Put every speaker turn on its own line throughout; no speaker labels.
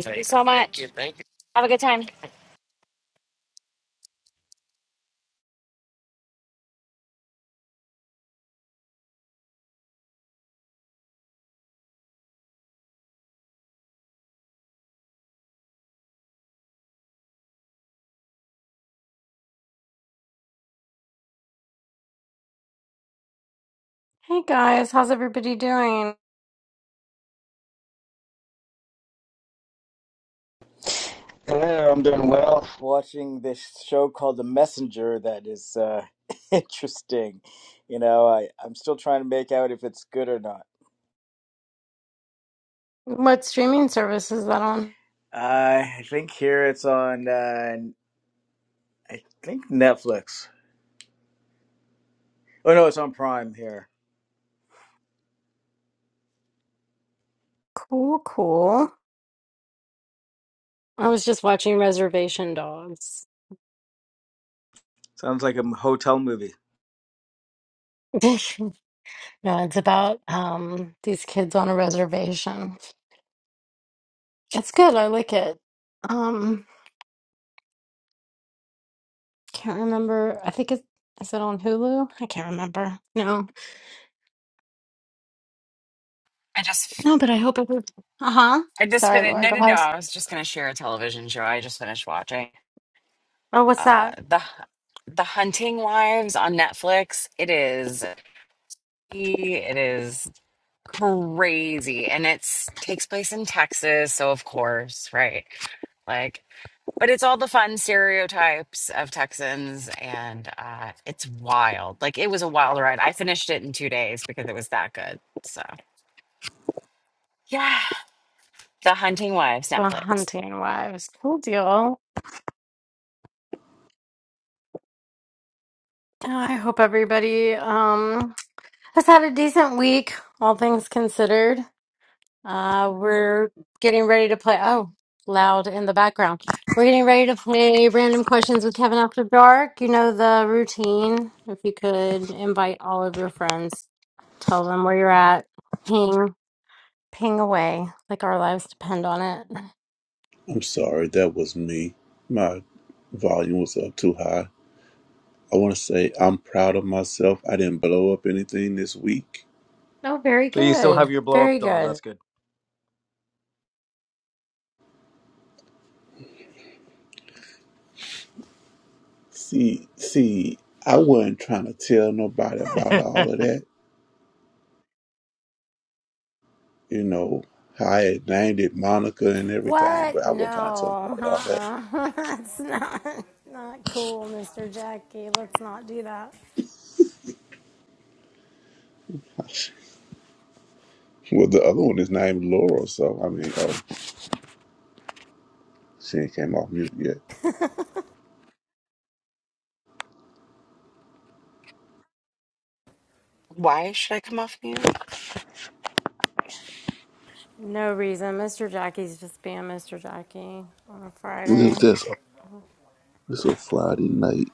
Thank you Hey, so thank much. you, thank you. Have a good time.
Hey guys, how's everybody doing?
Hello, I'm doing well. Watching this show called The Messenger that is uh, interesting. You know, I, I'm still trying to make out if it's good or not.
What streaming service is that on?
I think here it's on, uh, I think Netflix. Oh no, it's on Prime here.
Cool, cool. I was just watching Reservation Dogs.
Sounds like a m- hotel movie.
No, it's about um these kids on a reservation. It's good, I like it. Um, can't remember. I think it is it on Hulu? I can't remember. No.
I just
No, but I hope it was. Uh-huh.
I just
Sorry,
finished
Laura,
no
go
no no,
ahead.
I was just gonna share a television show I just finished watching.
Oh, what's
Uh
that?
the The Hunting Wives on Netflix. It is it is crazy and it's takes place in Texas, so of course, right? Like but it's all the fun stereotypes of Texans and uh it's wild. Like it was a wild ride. I finished it in 2 days because it was that good. So, yeah. The Hunting Wives
The
Netflix.
Hunting Wives. Cool deal. Yeah, I hope everybody um has had a decent week, all things considered. Uh, we're getting ready to play. Oh, loud in the background. We're getting ready to play random questions with Kevin after dark. You know the routine. If you could invite all of your friends, tell them where you're at, ping, ping away, like our lives depend on it.
I'm sorry, that was me. My volume was up too high. I want to say I'm proud of myself. I didn't blow up anything this week.
Oh, very
So you still
good.
have your blow up
Very
doll.
good.
That's good.
See, see, I wasn't trying to tell nobody about all of that. You know, how I had named it Monica and everything,
What?
but I wasn't trying to tell
No,
nobody all
uh-uh. that's not not cool, Mr. Jackie. Let's not do that.
that. Well, the other one is named Laura, so I mean, oh, she ain't came off mute yet.
Why should I come off mute?
No reason. Mr. Jackie's just being Mr. Jackie on a
It's
Friday.
just it's a Friday night,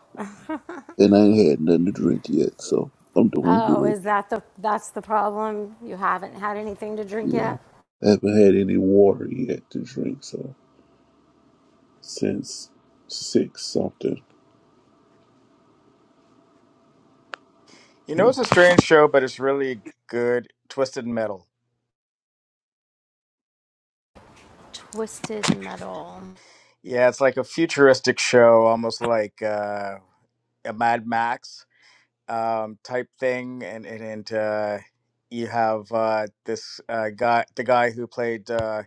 and I ain't had nothing to drink yet, so I'm doing
Oh,
good.
is that the that's the problem? You haven't had anything to drink
Yeah.
yet?
I haven't had any water yet to drink, so since six something.
you know,
Yeah.
it's a strange show, but it's really good. Twisted Metal.
Twisted metal.
Yeah, it's like a futuristic show, almost like uh, a Mad Max. um, type thing, and and, and uh, you have uh, this uh, guy, the guy who played uh,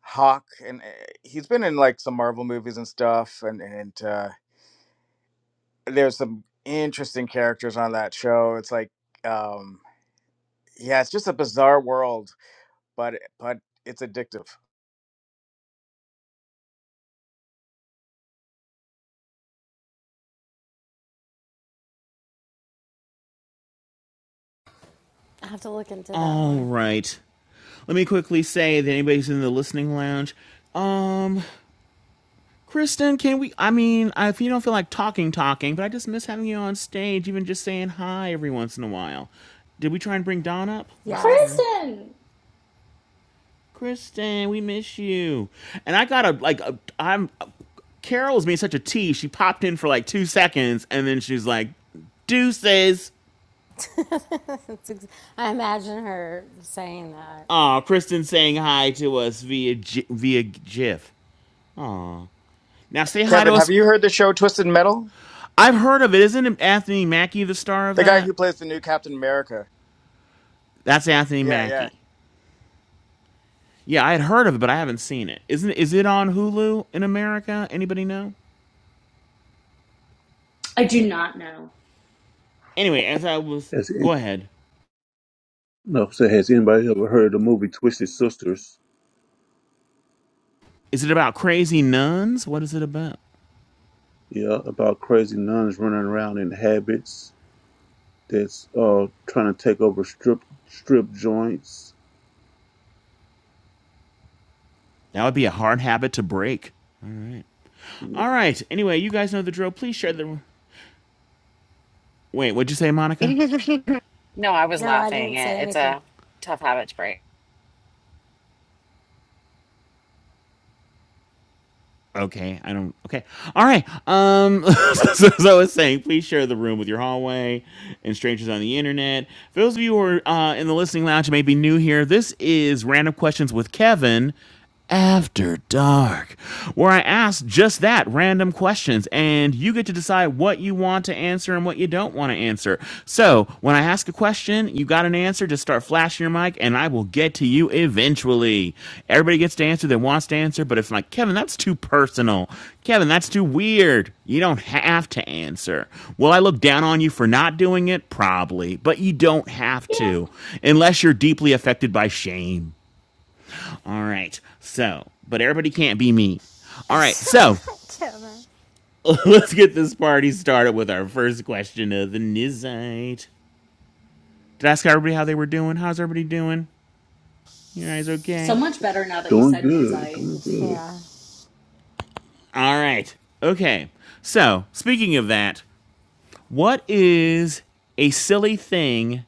Hawk, and uh, he's been in like some Marvel movies and stuff, and and uh, there's some interesting characters on that show. It's like, um, yeah, it's just a bizarre world, but but it's addictive.
I have to look into that
All
one.
right. Let me quickly say that anybody's in the listening lounge. Um, Kristen, can we? I mean, if you don't feel like talking, talking, but I just miss having you on stage, even just saying hi every once in a while. Did we try and bring Don up? Let's try.
Yes.
Kristen!
Kristen, we miss you. And I got a like. A, I'm. a, Carol was being such a tea. She popped in for like two seconds, and then she was like, "Deuces."
It's ex- I imagine her saying that.
Oh, Kristen saying hi to us via G- via GIF. Now say hi to
Kevin, have
us.
you heard the show Twisted Metal?
I've heard of it. Isn't Anthony Mackie the star of
The guy
that?
who plays the new Captain America.
That's Anthony
Yeah, yeah.
Mackie. Yeah, I had heard of it, but I haven't seen it. Isn't is it on Hulu in America? Anybody know?
I do
Anyway, as I was
Has
go
an-
ahead.
no, so has anybody ever heard of the movie Twisted Sisters?
Is it about crazy nuns? What is it about?
Yeah, about crazy nuns running around in habits that's uh trying to take over strip strip joints.
That would be a hard habit to break.
Yeah.
All right. Anyway, you guys know the drill. Please share the Wait, what'd you say, Monica?
No, I was
No, I
laughing.
didn't say
It, it's
anything.
a tough habit to break.
okay i don't okay all right um so, as i was saying please share the room with your hallway and strangers on the internet for those of you who are uh, in the listening lounge and may be new here this is random questions with kevin after dark where i ask just that random questions and you get to decide what you want to answer and what you don't want to answer. So when I ask a question, you got an answer, just start flashing your mic and I will get to you eventually. Everybody gets to answer that wants to answer, but if I'm like, Kevin, that's too personal. Kevin, that's too weird. You don't have to answer. Will I look down on you for not doing it? Probably, but you don't have
Yeah.
to unless you're deeply affected by shame. All right. So, but everybody can't be me. All right. So,
Kevin.
let's get this party started with our first question of the Nizite. Did I ask everybody how they were doing? How's everybody doing? You guys
so
okay?
much better now that you
Doing
said
good,
Nizite.
doing good.
Yeah.
All right. Okay. So, speaking of that, what is a silly thing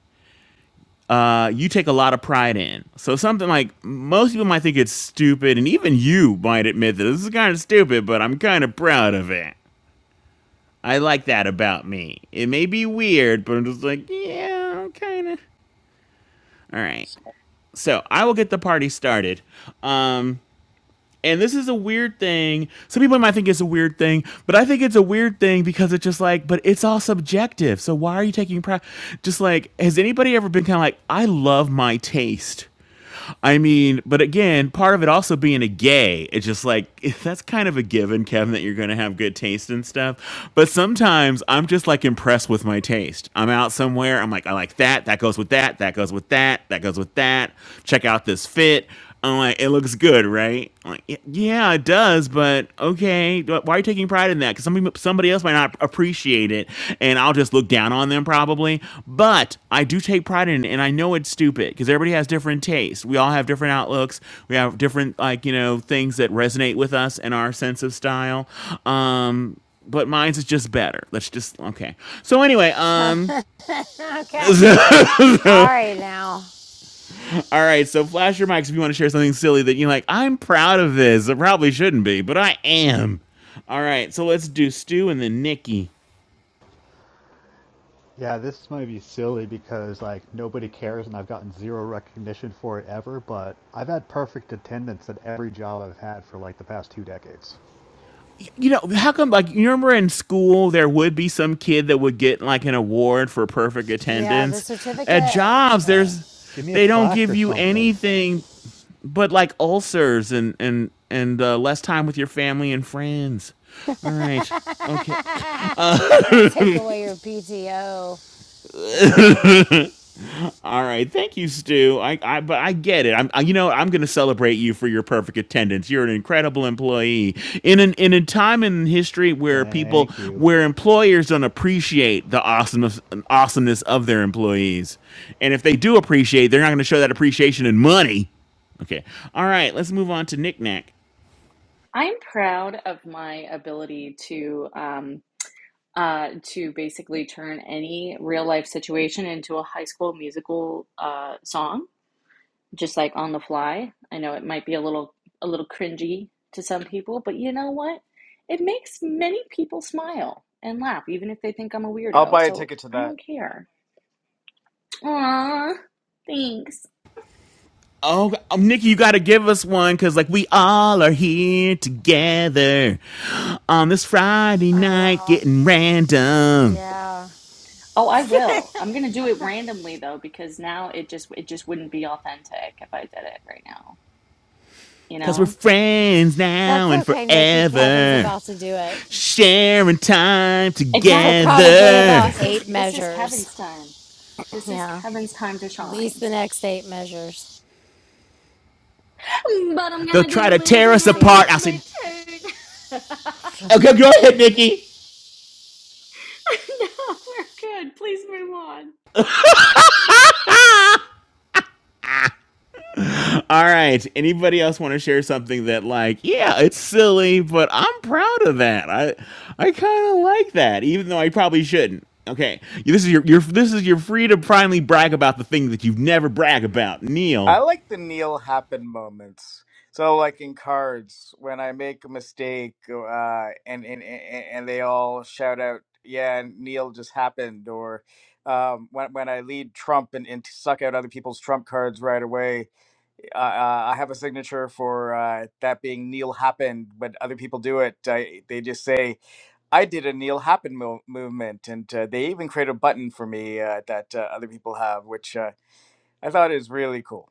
uh, you take a lot of pride in? So, something like most people might think it's stupid, and even you might admit that this is kind of stupid, but I'm kind of proud of it. I like that about me. It may be weird, but I'm just like, yeah, kind of. All right. So, I will get the party started. Um, And this is a weird thing. Some people might think it's a weird thing, but I think it's a weird thing because it's just like, but it's all subjective. So why are you taking pride? Just like, has anybody ever been kind of like, I love my taste? I mean, but again, part of it also being a gay, it's just like that's kind of a given, Kevin, that you're gonna have good taste and stuff. But sometimes I'm just like impressed with my taste. I'm out somewhere, I'm like, I like that, that goes with that, that goes with that, that goes with that. Check out this fit. I'm like, it looks good, right? I'm like, yeah, it does, but okay. Why are you taking pride in that? Because somebody, somebody else might not appreciate it, and I'll just look down on them probably. But I do take pride in it, and I know it's stupid because everybody has different tastes. We all have different outlooks. We have different, like, you know, things that resonate with us and our sense of style. Um, but mine's is just better. Let's just, okay. So, anyway, um,
Kevin. okay. All right now.
All right, so flash your mics if you want to share something silly that you're like, I'm proud of this. I probably shouldn't be, but I am. All right, so let's do Stu and then Nikki.
Yeah, this might be silly because like nobody cares and I've gotten zero recognition for it ever, but I've had perfect attendance at every job I've had for like the past two decades.
You know, how come, like, you remember in school there would be some kid that would get, like, an award for perfect
Yeah, the
attendance? At
certificate
jobs,
Yeah.
there's,
Give me a
they don't
plaque
give
or
you
something.
anything but, like, ulcers and, and, and uh, less time with your family and friends. All right. Okay.
they take away your PTO. Yeah.
All right, thank you, Stu. I, I, but I get it. I'm, I, you know, I'm going to celebrate you for your perfect attendance. You're an incredible employee in an in a time in history where people,
Thank you.
where employers don't appreciate the awesomeness awesomeness of their employees, and if they do appreciate, they're not going to show that appreciation in money. Okay. All right, let's move on to Knick Knack.
I'm proud of my ability to um uh to basically turn any real life situation into a high school musical uh song just like on the fly. I know it might be a little a little cringy to some people, but you know what? It makes many people smile and laugh even if they think I'm a
I'll
weirdo.
buy a
So
ticket to
I
that.
don't care. Aww, thanks.
Oh, um, Nikki, you got to give us one because, like, we all are here together on this Friday
Oh,
night
wow.
getting random.
Yeah.
Oh, I will. I'm gonna do it randomly though, because now it just it just wouldn't be authentic if I did it right now. You
Cause we're
know?
friends
That's
now and
okay, Nikki. Kevin's
forever.
about to do it
Sharing time
for
Exactly. I feel
probably
like
together.
about
this is
eight
this is Kevin's
measures.
time. This is
Yeah.
Kevin's time to
At least
shine.
the next eight measures.
Mm, But I'm
They'll
gonna
try to
do it
tear us
whenever
apart.
See?
it's
I'll
my
say,
turn. no,
okay, go ahead, Nikki.
we're good. Please move on.
All right. Anybody else want to share something that, like, yeah, it's silly, but I'm proud of that. I, I kind of like that, even though I probably shouldn't. Okay, this is your, your this is your free to primely brag about the thing that you've never brag about, Neil.
I like the Neil happen moments. So, like in cards, when I make a mistake, uh, and, and and and they all shout out, "Yeah, Neil just happened," or um, when when I lead Trump and, and suck out other people's Trump cards right away, uh, uh, I have a signature for uh, that being Neil happened. When other people do it, I, they just say, "I did a Neil happen mo- movement," and uh, they even create a button for me uh, that uh, other people have, which uh, I thought is really cool.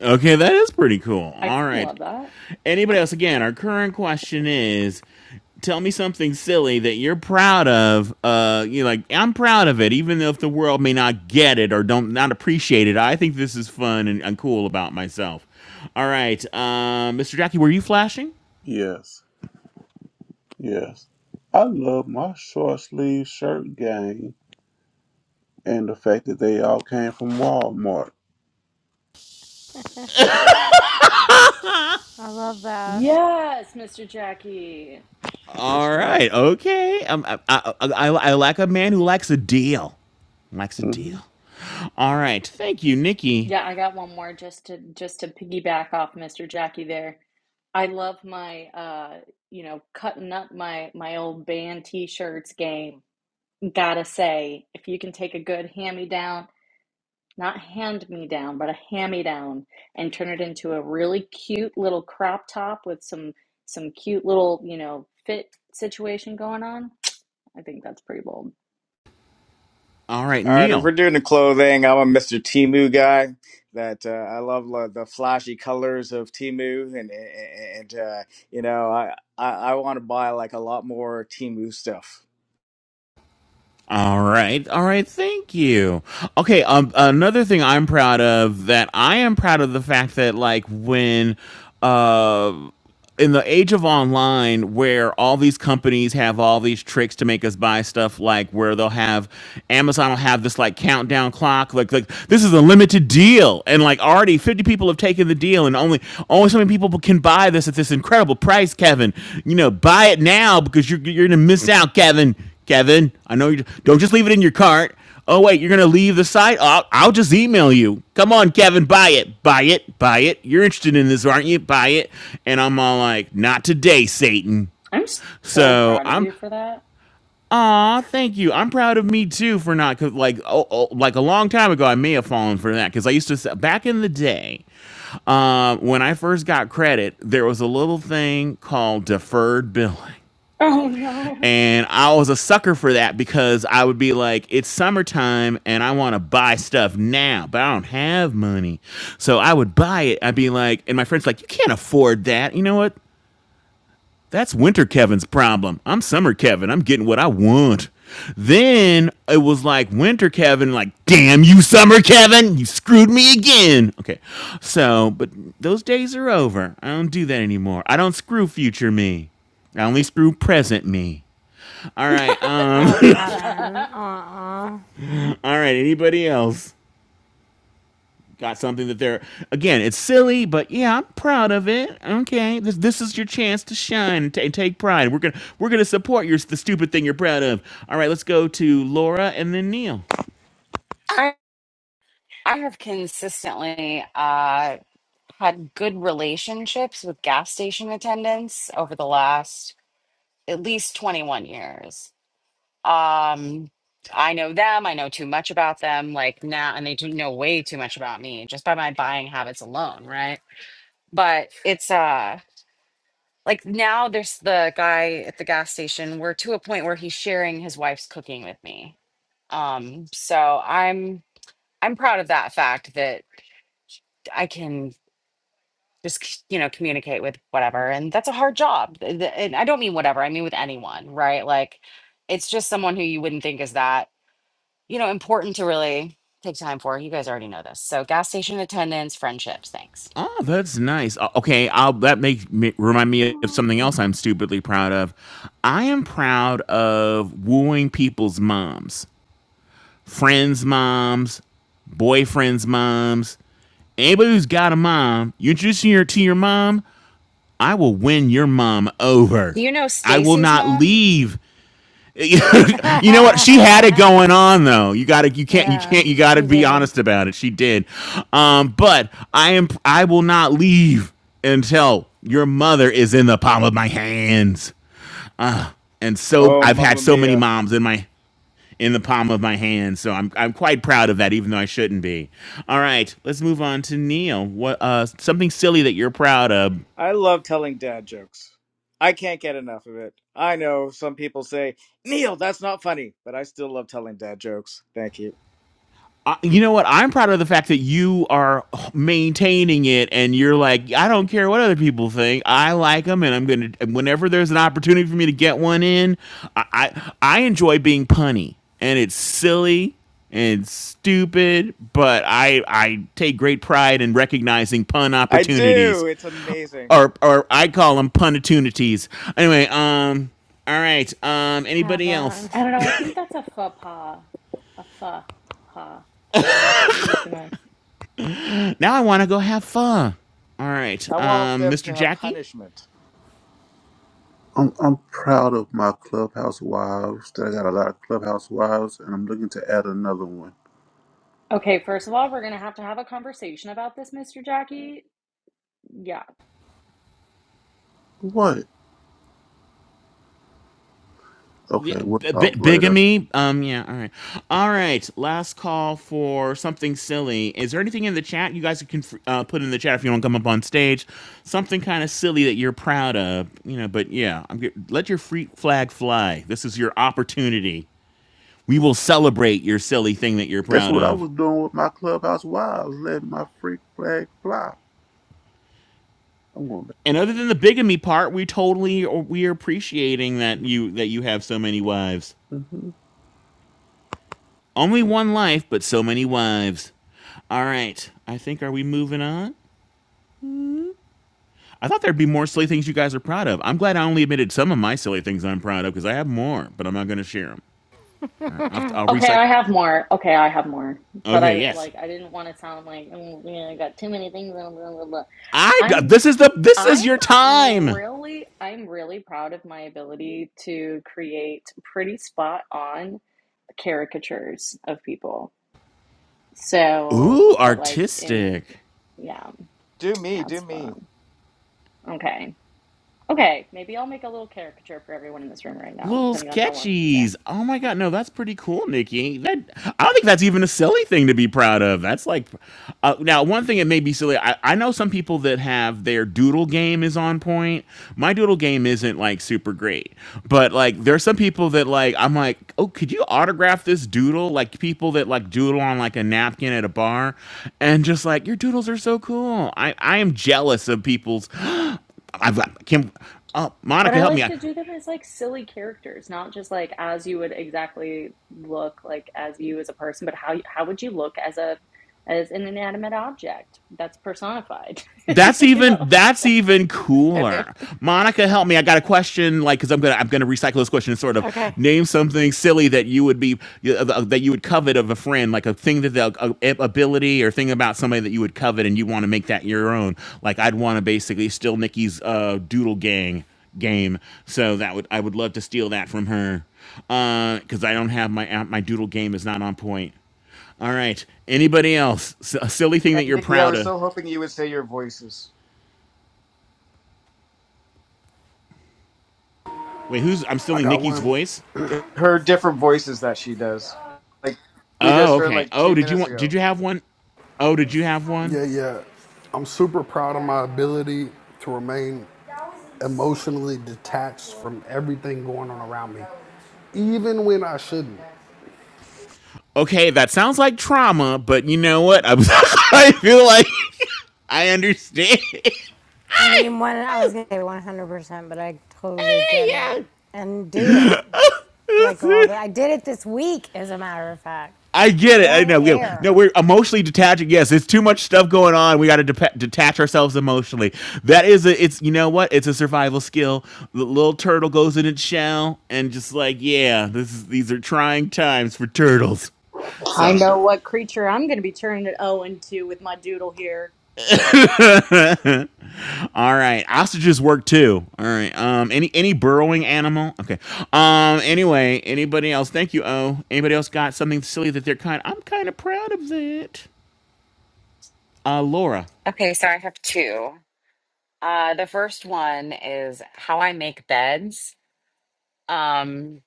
Okay, that is pretty cool.
I
All right.
love that.
Anybody else? Again, our current question is: Tell me something silly that you're proud of. Uh, you like I'm proud of it, even though if the world may not get it or don't not appreciate it. I think this is fun and, and cool about myself. All right, uh, Mr. Jackie, were you flashing?
Yes, yes. I love my short sleeve shirt game and the fact that they all came from Walmart.
I love that.
Yes, Mr. Jackie.
That's
All
right.
right, okay. Um, I, I, I, I like a man who likes a deal. Likes a
Hmm.
deal. All right, thank you, Nikki.
Yeah, I got one more just to just to piggyback off Mr. Jackie there. I love my uh you know cutting up my my old band t-shirts game. Gotta say, if you can take a good hand-me-down, not hand-me-down, but a hand-me-down and turn it into a really cute little crop top with some some cute little, you know, fit situation going on, I think that's pretty bold.
All right,
All right, if
Neil.
we're doing the clothing, I'm a Mr. Timu guy. That uh, I love lo- the flashy colors of Timu, and and uh, you know I I, I want to buy like a lot more Timu stuff.
All right, all right. Thank you. Okay. Um, another thing I'm proud of that I am proud of the fact that like when, uh, in the age of online where all these companies have all these tricks to make us buy stuff like where they'll have Amazon will have this like countdown clock like like this is a limited deal and like already 50 people have taken the deal and only only so many people can buy this at this incredible price Kevin you know buy it now because you're you're going to miss out Kevin Kevin, I know you don't just leave it in your cart. Oh wait, you're gonna leave the site? I'll, I'll just email you. Come on, Kevin, buy it, buy it, buy it. You're interested in this, aren't you? Buy it. And I'm all like, not today, Satan.
I'm s- so
So
proud of
I'm,
you for that.
aw, thank you. I'm proud of me too for not, cause like, oh, oh like a long time ago, I may have fallen for that because I used to back in the day um, when I first got credit, there was a little thing called deferred billing
Oh no.
and I was a sucker for that because I would be like, it's summertime and I want to buy stuff now, but I don't have money. So I would buy it. I'd be like, and my friend's like, you can't afford that. You know what? That's winter Kevin's problem. I'm summer Kevin. I'm getting what I want. Then it was like winter Kevin, like, damn you, summer Kevin. You screwed me again. Okay. So, but those days are over. I don't do that anymore. I don't screw future me. I only screw present me. All right. Um.
Oh, Kevin.
I
Uh-uh.
all right. Anybody else got something that they're again? It's silly, but yeah, I'm proud of it. Okay. This this is your chance to shine and ta- take pride. We're gonna we're gonna support your the stupid thing you're proud of. All right. Let's go to Laura and then Neil.
I I have consistently uh, had good relationships with gas station attendants over the last at least 21 years. Um, I know them. I know too much about them. Like now, and they do know way too much about me just by my buying habits alone, right? But it's uh like now there's the guy at the gas station we're to a point where he's sharing his wife's cooking with me um so i'm i'm proud of that fact that i can just c- you know communicate with whatever and that's a hard job Th- th- and i don't mean whatever i mean with anyone right like it's just someone who you wouldn't think is that you know important to really take time for you guys already know this so gas station attendants friendships thanks
Oh, that's nice. O- Okay, I'll, that make me, remind me of something else I'm stupidly proud of. I am proud of wooing people's moms, friends' moms, boyfriends' moms, Anybody who's got a mom, you introducing her to your mom, I will win your mom over.
do you know
I will
stacy's
not
mom
leave. you know what? She had it going on though. You got to you can't you
yeah,
can't you got to
she
be
did.
honest about it. She did. Um but I am I will not leave until your mother is in the palm of my hands. Ah, and so
Oh,
I've had
mamma
so many
mia!
moms in my in the palm of my hand. So I'm I'm quite proud of that, even though I shouldn't be. All right, let's move on to Neil. What uh something silly that you're proud of?
I love telling dad jokes. I can't get enough of it. I know some people say Neil, that's not funny, but I still love telling dad jokes. Thank you.
Uh, you know what? I'm proud of the fact that you are maintaining it, and you're like, I don't care what other people think. I like them, and I'm gonna. and Whenever there's an opportunity for me to get one in, I I, I enjoy being punny, and it's silly and stupid, but I I take great pride in recognizing pun
I
opportunities.
do. It's amazing.
or or I call them punitunities. Anyway, um, all right. Um, anybody
Kevin.
else?
don't know. I think that's a faux pas. A faux pas, Kevin. Maybe too much.
Now I want to go have fun. All right,
I want
um,
them
Mr.
to have
Jackie.
punishment.
I'm I'm proud of my clubhouse wives. That I got a lot of clubhouse wives, and I'm looking to add another one.
Okay, first of all, we're gonna have to have a conversation about this, Mr. Jackie. Yeah.
What? Okay,
Yeah,
we'll
b- b-
talk later.
bigamy. Um, yeah. All right. All right. Last call for something silly. Is there anything in the chat you guys can uh, put in the chat if you want to come up on stage? Something kind of silly that you're proud of, you know. But yeah, I'm get- let your free flag fly. This is your opportunity. We will celebrate your silly thing that you're
That's
proud
what I
of.
was doing with my clubhouse wives, letting my freak flag fly. I'm going back.
and other than the bigamy part, we totally we are appreciating that you that you have so many wives.
Mm-hmm.
Only one life, but so many wives. All right, I think are we moving on? I thought there'd be more silly things you guys are proud of. I'm glad I only admitted some of my silly things I'm proud of because I have more, but I'm not going to share them. Right, I'll, I'll
Okay,
recycle.
I have more. Okay, I have more. But
Okay,
I
yes.
like I didn't want to sound like oh, man, I got too many things. Blah, blah, blah, blah.
I
I'm
this is the this
I'm
is your time.
really I'm really proud of my ability to create pretty spot on caricatures of people. So,
Ooh,
but like in
artistic.
yeah,
Do me,
yeah,
do
it's
me.
fun. Okay. Okay, maybe I'll make a little caricature for everyone in this room right now,
Little
depending on how long you're staying.
sketchies. Oh my god, no, that's pretty cool, Nikki. That I don't think that's even a silly thing to be proud of. That's like, uh, now one thing it may be silly. I, I know some people that have their doodle game is on point. My doodle game isn't like super great, but like there are some people that like I'm like, oh, could you autograph this doodle? Like people that like doodle on like a napkin at a bar, and just like your doodles are so cool. I I am jealous of people's. I've got Kim. Uh,
But
Monica,
I
help me.
like to
I
do them as like silly characters, not just like as you would exactly look like as you as a person, but how how would you look as a as an inanimate object that's personified,
That's
you
even
know?
that's even
And.
cooler. Monica, help me. I got a question, like, because I'm gonna I'm gonna recycle this question and sort of
okay.
name something silly that you would be uh, that you would covet of a friend, like a thing that they'll a, a- ability or thing about somebody that you would covet and you want to make that your own. Like, I'd want to basically steal Nikki's uh, Doodle Gang game. So that would I would love to steal that from her, because I don't have my uh, my Doodle game is not on point. All right, anybody else? S- a silly thing
And
that you're
Nikki, I
proud
was
of?
so hoping you would say your voices.
Wait, who's? I'm
I
stealing
got
Nikki's
one.
voice.
Her different voices that she does. Like we
Oh,
just heard
okay.
like
Oh,
two
did you
minutes
want? Did
ago.
you have one? Oh, did you have one?
Yeah, yeah. I'm super proud of my ability to remain emotionally detached from everyone around me, even when I shouldn't.
Okay, that sounds like trauma, but you know what? I'm, I feel like I understand.
I mean, one, I was gonna say 100%, but I totally get
yeah.
it and do it. Like all the, I did it this week, as a matter of fact,
I get it. I
on
know. Yeah. No,
air.
we're emotionally detaching. Yes, there's too much stuff going on. We got to depa detach ourselves emotionally. That is a. It's you know what? It's a survival skill. The little turtle goes in its shell and just like yeah, this is these are trying times for turtles.
I
So
know what creature I'm going to be turning it O into with my doodle here.
All right, ostriches work too. All right. Um, any any burrowing animal? Okay. Um. Anyway, anybody else? Thank you. Oh, anybody else got something silly that they're kind? I'm kind of proud of that. Uh, Laura,
okay so i have two Uh, the first one is how I make beds. Um,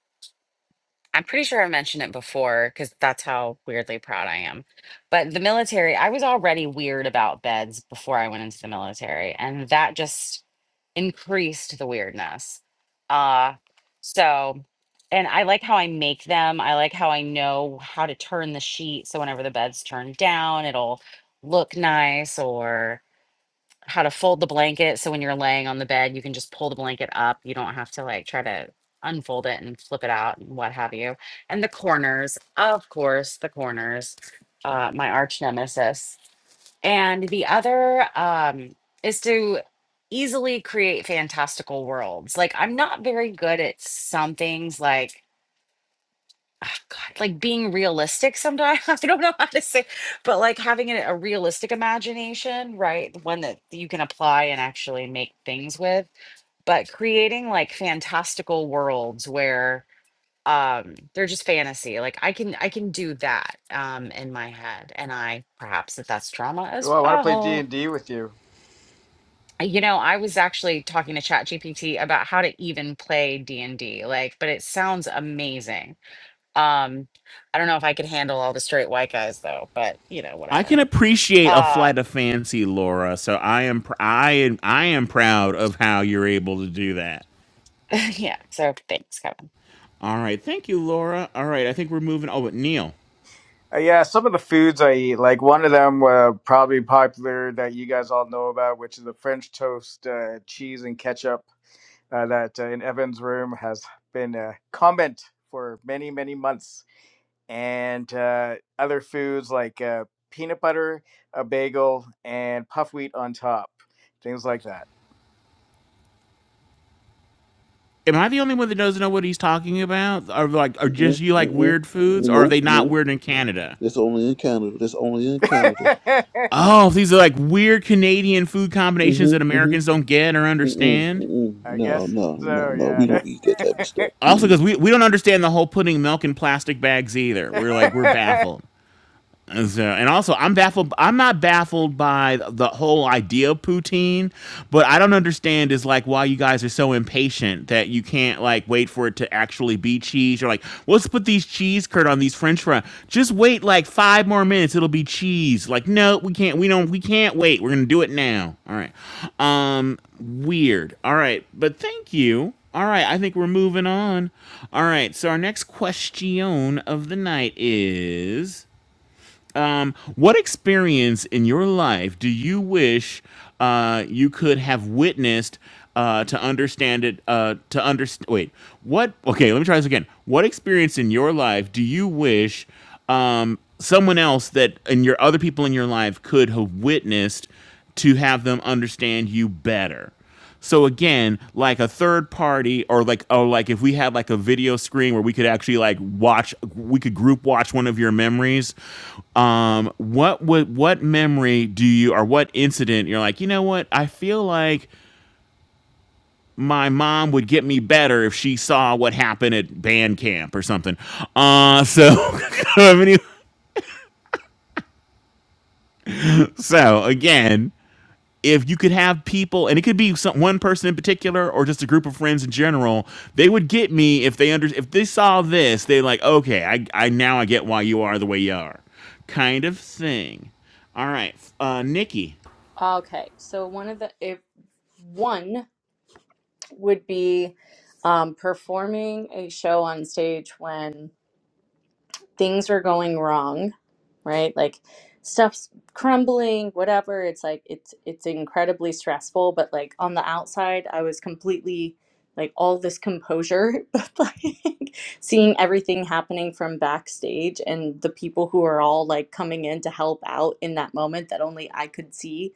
I'm pretty sure I mentioned it before because that's how weirdly proud I am. But the military, I was already weird about beds before I went into the military, and that just increased the weirdness. Uh, so, and I like how I make them. I like how I know how to turn the sheet. So whenever the bed's turned down, it'll look nice or how to fold the blanket so when you're laying on the bed you can just pull the blanket up you don't have to like try to unfold it and flip it out and what have you and the corners of course the corners uh, my arch nemesis and the other um, is to easily create fantastical worlds like i'm not very good at some things like ah, God, like being realistic sometimes. I don't know how to say, but like having a, a realistic imagination, right? The One that you can apply and actually make things with. But creating like fantastical worlds where um they're just fantasy. Like I can I can do that um in my head. And I perhaps that that's trauma
Oh,
as
I want to play D
well.
and D with you.
Uh, You know, I was actually talking to ChatGPT about how to even play D&D, like, but it sounds amazing um, I don't know if I could handle all the straight white guys though, but you know,
I
whatever.
can appreciate a
Uh,
flight of fancy, Laura. So I am pr- I am I am proud of how you're able to do that.
yeah. So thanks, Kevin.
All right. Thank you, Laura. All right. I think we're moving. Oh, but Neil.
Uh, yeah, some of the foods I eat. Like one of them, uh, probably popular that you guys all know about, which is the French toast, uh, cheese and ketchup. Uh, that uh, in Evan's room has been a comment for many, many months. and uh, other foods like uh, peanut butter, a bagel, and puff wheat on top. Things like that.
Am I the only one that doesn't know what he's talking about? Are like are just
Mm-mm.
you like
Mm-mm.
weird foods, or are
Nope.
they not
Nope.
weird in Canada?
That's only in Canada. That's only in Canada.
Oh, these are like weird Canadian food combinations that
Mm-hmm.
Americans
Mm-hmm.
don't get or
Mm-mm.
understand.
Mm-mm.
I
No.
guess
No. No.
so,
No. We
yeah.
don't eat that type of stuff.
Also, because we, we don't understand the whole putting milk in plastic bags either. We're like, we're baffled. And So, and also, I'm baffled. I'm not baffled by the whole idea of poutine, but I don't understand is like why you guys are so impatient that you can't like wait for it to actually be cheese. You're like, well, let's put these cheese curd on these French fries. Just wait like five more minutes. It'll be cheese. Like, no, we can't. We don't. We can't wait. We're gonna do it now. All right. Um, weird. All right, but thank you. All right, I think we're moving on. All right, so our next question of the night is. Um, what experience in your life do you wish uh, you could have witnessed uh, to understand it? Uh, to understand, wait, what? Okay, let me try this again. What experience in your life do you wish um, someone else that and your other people in your life could have witnessed to have them understand you better. So again, like a third party or like oh like if we had like a video screen where we could actually like watch we could group watch one of your memories, um what would what memory do you or what incident you're like, "You know what? I feel like my mom would get me better if she saw what happened at band camp or something." Uh so so, so again, if you could have people, and it could be some, one person in particular or just a group of friends in general, they would get me if they under if they saw this, they're like, okay, I, I now I get why you are the way you are, kind of thing. All right, uh, Nikki.
Okay, so one of the if one would be um, performing a show on stage when things are going wrong, right? Like stuff's crumbling, whatever. It's like it's it's incredibly stressful, but like on the outside, I was completely like all this composure, but like seeing everything happening from backstage and the people who are all like coming in to help out in that moment that only I could see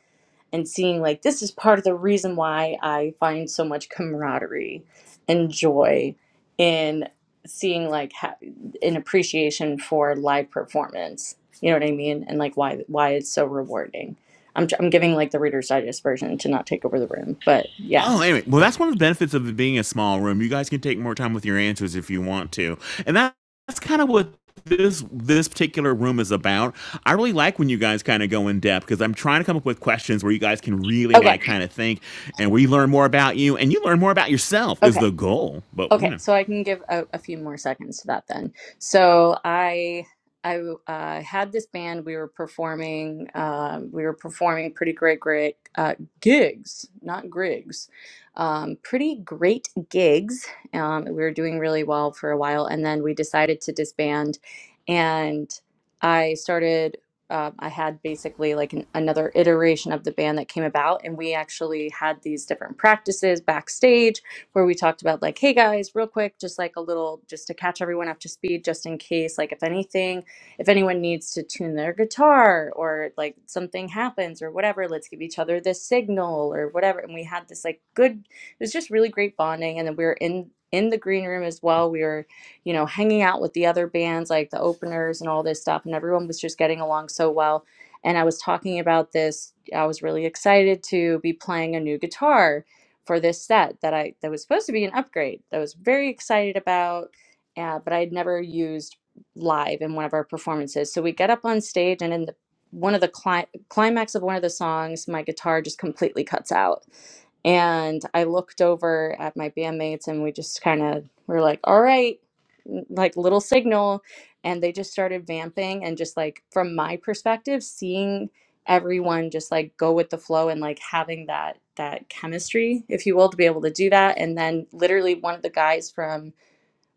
and seeing like this is part of the reason why I find so much camaraderie and joy in seeing like ha- an appreciation for live performance. You know what I mean? And like why why it's so rewarding. I'm tr- I'm giving like the Reader's Digest version to not take over the room, but yeah.
Oh, anyway, well, that's one of the benefits of it being a small room. You guys can take more time with your answers if you want to, and that, that's kind of what this this particular room is about. I really like when you guys kind of go in depth because I'm trying to come up with questions where you guys can really
Okay.
like kind of think, and we learn more about you, and you learn more about yourself is
Okay.
the goal. But you
Okay,
know,
so I can give a, a few more seconds to that then. So I I uh, had this band. We were performing. Um, we were performing pretty great, great uh, gigs, not grigs. Um, pretty great gigs. Um, we were doing really well for a while, and then we decided to disband. And I started. Uh, I had basically like an, another iteration of the band that came about, and we actually had these different practices backstage where we talked about like, hey guys, real quick, just like a little, just to catch everyone up to speed, just in case, like if anything, if anyone needs to tune their guitar or like something happens or whatever, let's give each other this signal or whatever. And we had this like good, it was just really great bonding. And then we were in in the green room as well. We were, you know, hanging out with the other bands, like the openers and all this stuff. And everyone was just getting along so well. And I was talking about this. I was really excited to be playing a new guitar for this set that I that was supposed to be an upgrade that I was very excited about, uh, but I would never used live in one of our performances. So we get up on stage, and in the one of the cli- climax of one of the songs, my guitar just completely cuts out. And I looked over at my bandmates, and we just kind of were like, "All right," like little signal, and they just started vamping. And just like from my perspective, seeing everyone just like go with the flow and like having that that chemistry if you will to be able to do that and then literally one of the guys from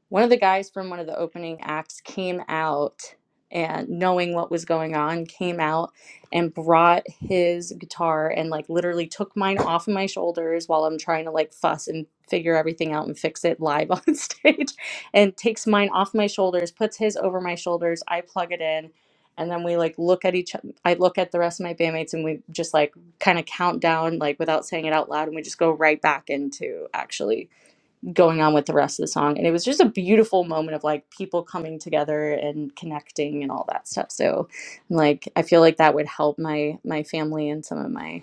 one of the guys from one of the opening acts came out and knowing what was going on came out and brought his guitar and like literally took mine off of my shoulders while I'm trying to like fuss and figure everything out and fix it live on stage and takes mine off my shoulders puts his over my shoulders I plug it in and then we like look at each I look at the rest of my bandmates and we just like kind of count down like without saying it out loud and we just go right back into actually going on with the rest of the song. And it was just a beautiful moment of like people coming together and connecting and all that stuff. So like I feel like that would help my my family and some of my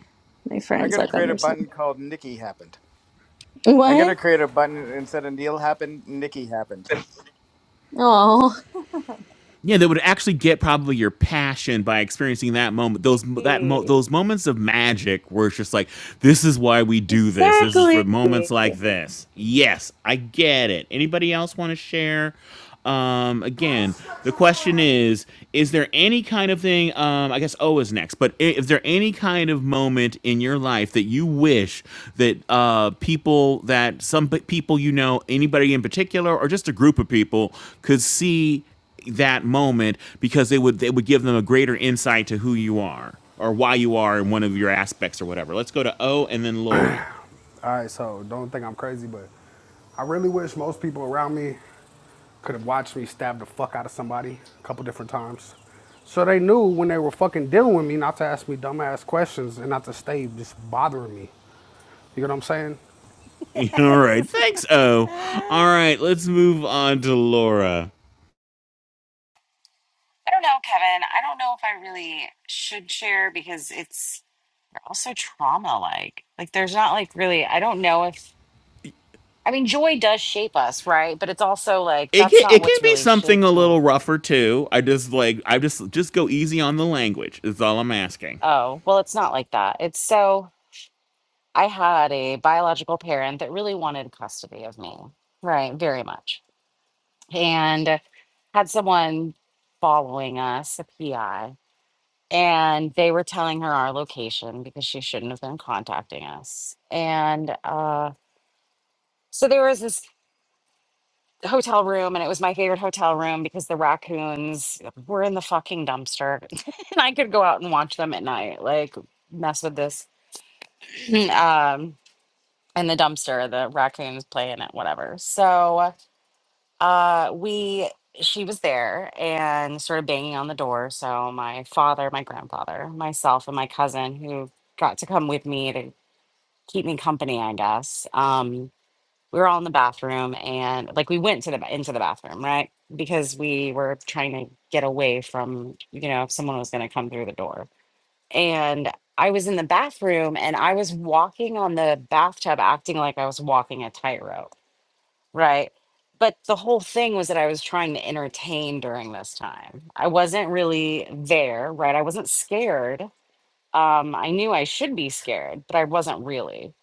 my
I'm
friends
going to
like
create a
understand.
button called Nikki Happened. I'm going to
What?
create a button instead of Neil Happened, Nikki Happened.
Oh
yeah, they would actually get probably your passion by experiencing that moment. Those that mo-
exactly
those moments of magic where it's just like, this is why we do this. This is for moments like this. Yes, I get it. Anybody else want to share? Um, again, the question is: Is there any kind of thing? Um, I guess O is next, but i- is there any kind of moment in your life that you wish that uh, people, that some p- people you know, anybody in particular, or just a group of people, could see? that moment because it would it would give them a greater insight to who you are or why you are in one of your aspects or whatever. Let's go to O and then Laura.
All right, so don't think I'm crazy, but I really wish most people around me could have watched me stab the fuck out of somebody a couple different times. So they knew when they were fucking dealing with me not to ask me dumbass questions and not to stay just bothering me. You get what I'm saying?
All right, thanks O. All
Yes.
right, let's move on to Laura.
I don't know, Kevin. I don't know if I really should share because it's also trauma like. Like there's not like really I don't know if I mean joy does shape us, right? But it's also like
It
that's
can, it
not
can
what's
be
really
something a
shaped me.
little rougher too. I just like I just just go easy on the language. Is all I'm asking.
Oh, well, it's not like that. It's so I had a biological parent that really wanted custody of me, right? Very much and had someone following us, a PI, and they were telling her our location because she shouldn't have been contacting us. And uh, so there was this hotel room, and it was my favorite hotel room because the raccoons were in the fucking dumpster, and I could go out and watch them at night, like mess with this um, in the dumpster, the raccoons playing it, whatever. So. Uh, we she was there and started banging on the door. So my father, my grandfather, myself, and my cousin who got to come with me to keep me company, I guess. Um, we were all in the bathroom and like we went to the ba- into the bathroom, right? Because we were trying to get away from, you know, if someone was going to come through the door. And I was in the bathroom and I was walking on the bathtub acting like I was walking a tightrope Right. But the whole thing was that I was trying to entertain during this time. I wasn't really there, right? I wasn't scared. Um, I knew I should be scared, but I wasn't really.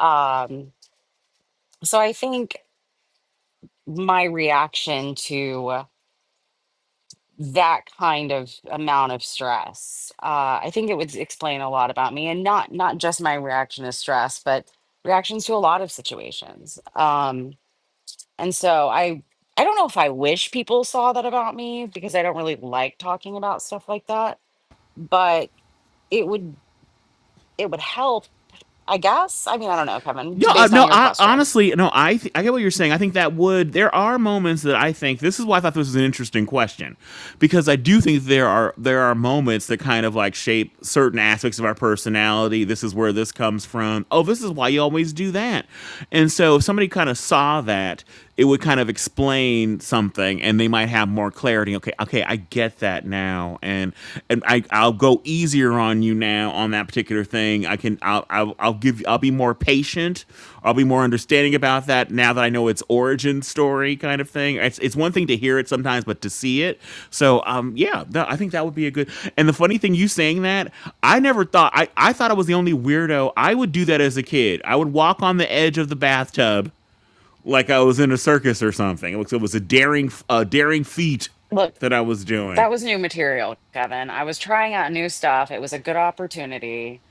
Um, so I think my reaction to that kind of amount of stress, uh, I think it would explain a lot about me, and not not just my reaction to stress, but reactions to a lot of situations. Um, And so I I don't know if I wish people saw that about me because I don't really like talking about stuff like that, but it would it would help, I guess. I mean, I don't know, Kevin,
No,
t-
uh,
based on
no.
your
I,
question.
honestly, no. I th- I get what you're saying. I think that would there are moments that I think this is why I thought this was an interesting question because I do think there are there are moments that kind of like shape certain aspects of our personality. This is where this comes from. Oh, this is why you always do that. And so if somebody kind of saw that, it would kind of explain something and they might have more clarity okay okay i get that now and and i i'll go easier on you now on that particular thing i can i'll i'll, I'll give i'll be more patient i'll be more understanding about that now that i know its origin story kind of thing it's it's one thing to hear it sometimes but to see it so um yeah that, i think that would be a good and the funny thing you saying that i never thought i i thought i was the only weirdo i would do that as a kid i would walk on the edge of the bathtub like I was in a circus or something. It was, it was a daring, a daring feat
Look,
that I was doing.
that was new material, Kevin. I was trying out new stuff. It was a good opportunity.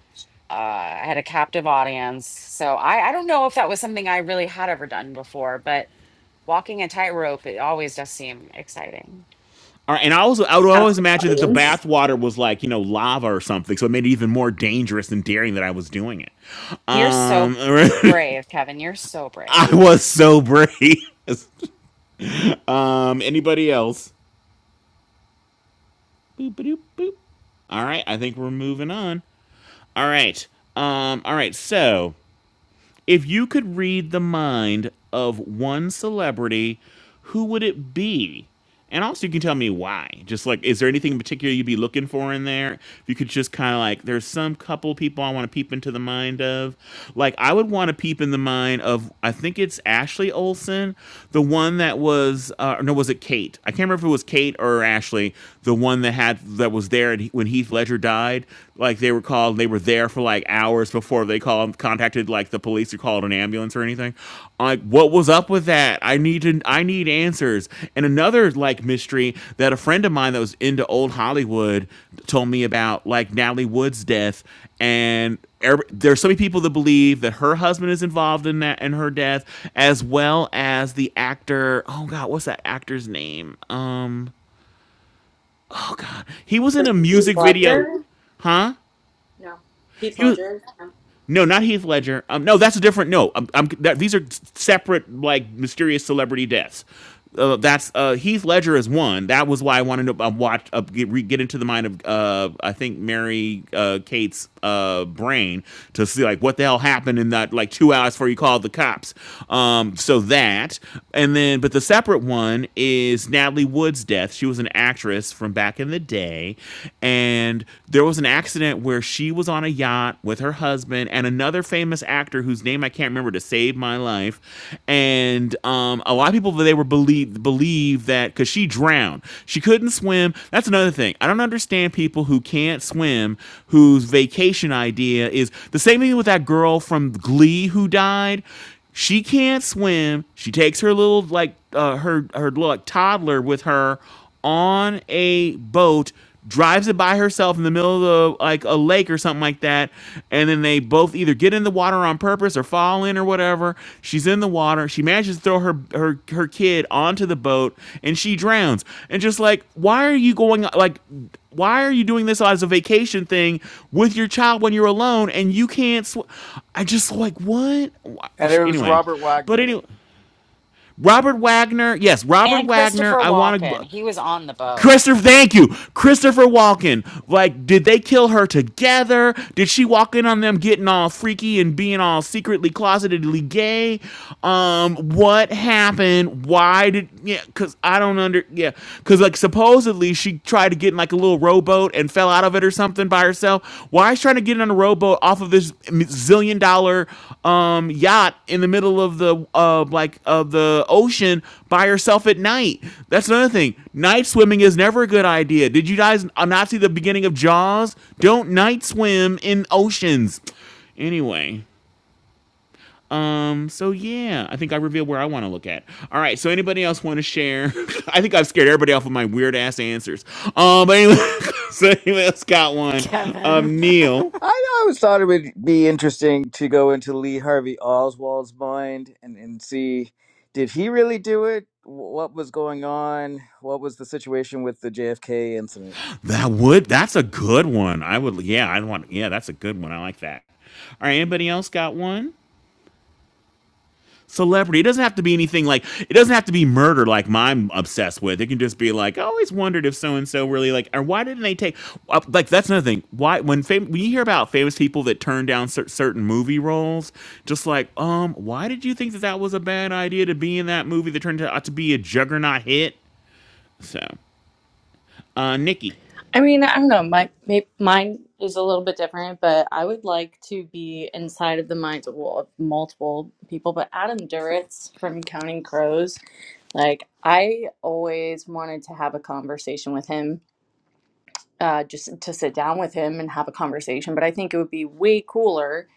Uh, I had a captive audience. So I, I don't know if that was something I really had ever done before, but walking a tightrope, it always does seem exciting.
All right, and I also I would always
captive
imagine that the
audience.
bath water was like you know lava or something, so it made it even more dangerous and daring that I was doing it.
You're
Um,
so brave, Kevin. You're so brave.
I was so brave. Um, anybody else? Boop, boop, boop. All right, I think we're moving on. All right. Um, all right. So If you could read the mind of one celebrity, who would it be? And also, you can tell me why. Just like, is there anything in particular you'd be looking for in there? If you could just kind of like, there's some couple people I want to peep into the mind of. Like, I would want to peep in the mind of, I think it's Ashley Olsen, the one that was, uh, no, was it Kate? I can't remember if it was Kate or Ashley, the one that had that was there and he- when Heath Ledger died. Like they were called, and they were there for like hours before they called, contacted like the police or called an ambulance or anything. Like, what was up with that? I need to, I need answers. And another like mystery that a friend of mine that was into old Hollywood told me about, like Natalie Wood's death and there are so many people that believe that her husband is involved in that and her death as well as the actor oh god what's that actor's name um Oh god, he was
For
in a
Heath
music video,
Ledger?
huh?
No. Heath
He was
Ledger?
no, not Heath Ledger. Um, no, that's a different. No, um, I'm, that, these are separate, like mysterious celebrity deaths. Uh, that's uh, Heath Ledger is one. That was why I wanted to uh, watch uh, get, re, get into the mind of uh, I think Mary uh, Kate's uh, brain to see like what the hell happened in that like two hours before you called the cops. Um, so that and then but the separate one is Natalie Wood's death. She was an actress from back in the day, and and there was an accident where she was on a yacht with her husband and another famous actor whose name I can't remember to save my life. And um, a lot of people they were believe believe that because she drowned, she couldn't swim. That's another thing. I don't understand people who can't swim whose vacation idea is the same thing with that girl from Glee who died. She can't swim. She takes her little like uh, her her little, like, toddler with her on a boat drives it by herself in the middle of the, like a lake or something like that and then they both either get in the water on purpose or fall in or whatever she's in the water she manages to throw her her her kid onto the boat and she drowns and just like why are you going like why are you doing this as a vacation thing with your child when you're alone and you can't sw- i just like what Why-
And it was
anyway
Robert Wagner.
but anyway Robert Wagner, yes, Robert
And Christopher
Wagner. I want to.
Walken, he was on the boat.
Christopher, thank you. Christopher Walken. Like, did they kill her together? Did she walk in on them getting all freaky and being all secretly closetedly gay? Um, what happened? Why did yeah, cause I don't under yeah. Cause like supposedly she tried to get in like a little rowboat and fell out of it or something by by herself. Why is she trying to get on a rowboat off of this zillion dollar um, yacht in the middle of the uh, like of the ocean by herself at night? That's another thing. Night swimming is never a good idea. Did you guys uh, not see the beginning of Jaws? Don't night swim in oceans. Anyway, um, so yeah, I think I revealed where I want to look at. All right, so anybody else want to share? I think I've scared everybody off with my weird ass answers. Um, but anyway, so anybody else got one?
Kevin.
Um, Neil,
I always thought it would be interesting to go into Lee Harvey Oswald's mind and, and see did he really do it? What was going on? What was the situation with the JFK incident?
that would that's a good one. I would, yeah, I want, yeah, that's a good one. I like that. All right, anybody else got one? celebrity. It doesn't have to be anything like it doesn't have to be murder like mine obsessed with. It can just be like I always wondered if so and so really like or why didn't they take uh, like that's another thing. Why when fam- when you hear about famous people that turn down cer- certain movie roles, just like um why did you think that that was a bad idea to be in that movie that turned out to be a juggernaut hit? So, uh Nikki,
I mean, I don't know. My may, mine is a little bit different, but I would like to be inside of the minds of well, of multiple people. But Adam Duritz from Counting Crows, like I always wanted to have a conversation with him, uh, just to sit down with him and have a conversation. But I think it would be way cooler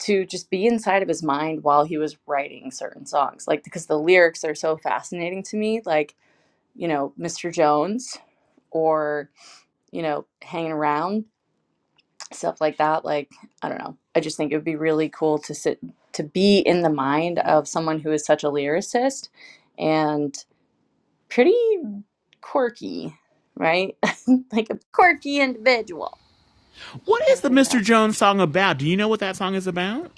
to just be inside of his mind while he was writing certain songs, like because the lyrics are so fascinating to me. Like you know, Mr. Jones, or you know, hanging around stuff like that like i don't know i just think it would be really cool to sit to be in the mind of someone who is such a lyricist and pretty quirky right like a quirky individual
what
kind
is
of
the
figure out
Mr. Jones song about? Do you know what that song is about?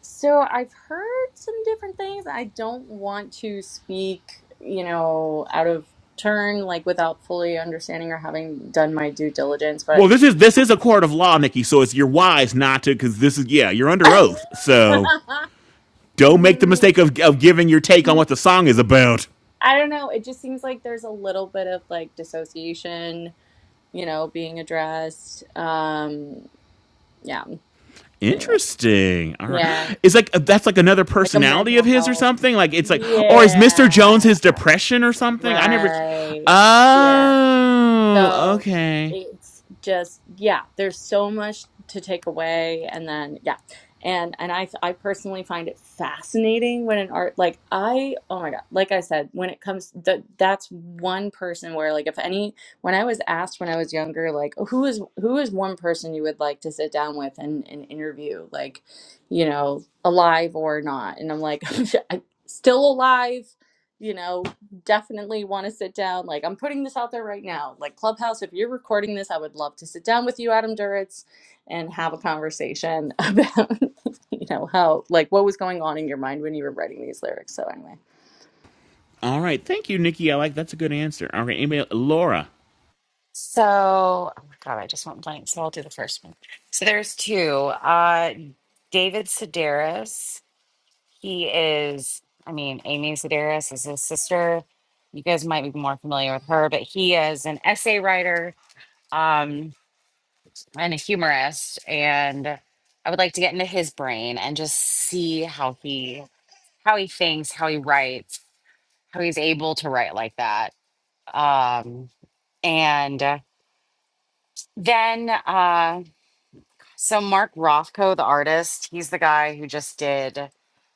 so i've heard some different things i don't want to speak you know out of turn like without fully understanding or having done my due diligence
Well,
but
this is this is a court of law, Nikki. So it's you're wise not to, because this is yeah, you're under oath. So Don't make the mistake of, of giving your take on what the song is about.
I don't know. It just seems like there's a little bit of like dissociation, you know, being addressed. Um, yeah. Anyway,
Interesting. All right.
yeah,
It's like uh, that's like another
like a
personality
mental
of his or
health.
something. Like it's like or is Mr. Jones
Yeah.
his depression or something? I never
Right. Yeah.
Oh,
So
okay.
it's just yeah, there's so much to take away and then yeah. And and I I personally find it fascinating when an art like I oh my God, like I said, when it comes that that's one person where like if any when I was asked when I was younger like who is who is one person you would like to sit down with and, and interview like you know alive or not and I'm like still alive you know definitely want to sit down. Like, I'm putting this out there right now. Like, Clubhouse, if you're recording this, I would love to sit down with you, Adam Duritz, and have a conversation about, you know, how, like, what was going on in your mind when you were writing these lyrics. So, anyway.
All right. Thank you, Nikki. I like that's a good answer. All right. Anybody Laura.
So, oh my God, I just went blank. So I'll do the first one. So there's two. Uh, David Sedaris. He is, I mean, Amy Sedaris is his sister. You guys might be more familiar with her, but he is an essay writer um, and a humorist. And I would like to get into his brain and just see how he how he thinks, how he writes, how he's able to write like that. Um, And uh, then, uh, so Mark Rothko, the artist, he's the guy who just did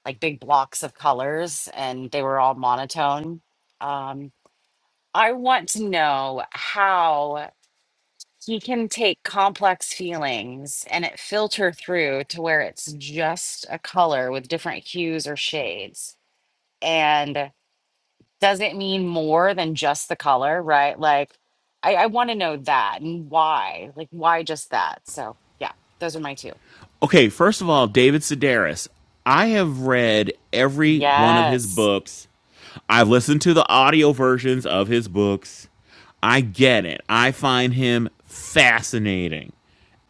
like big blocks of colors and they were all monotone. Um, I want to know how he can take complex feelings and it filter through to where it's just a color with different hues or shades. and. does it mean more than just the color, right? Like, I, I want to know that and why. Like, why just that? So, yeah, those are my two.
Okay, first of all, David Sedaris. I have read every one of his
Yes.
books. I've listened to the audio versions of his books. I get it. I find him fascinating.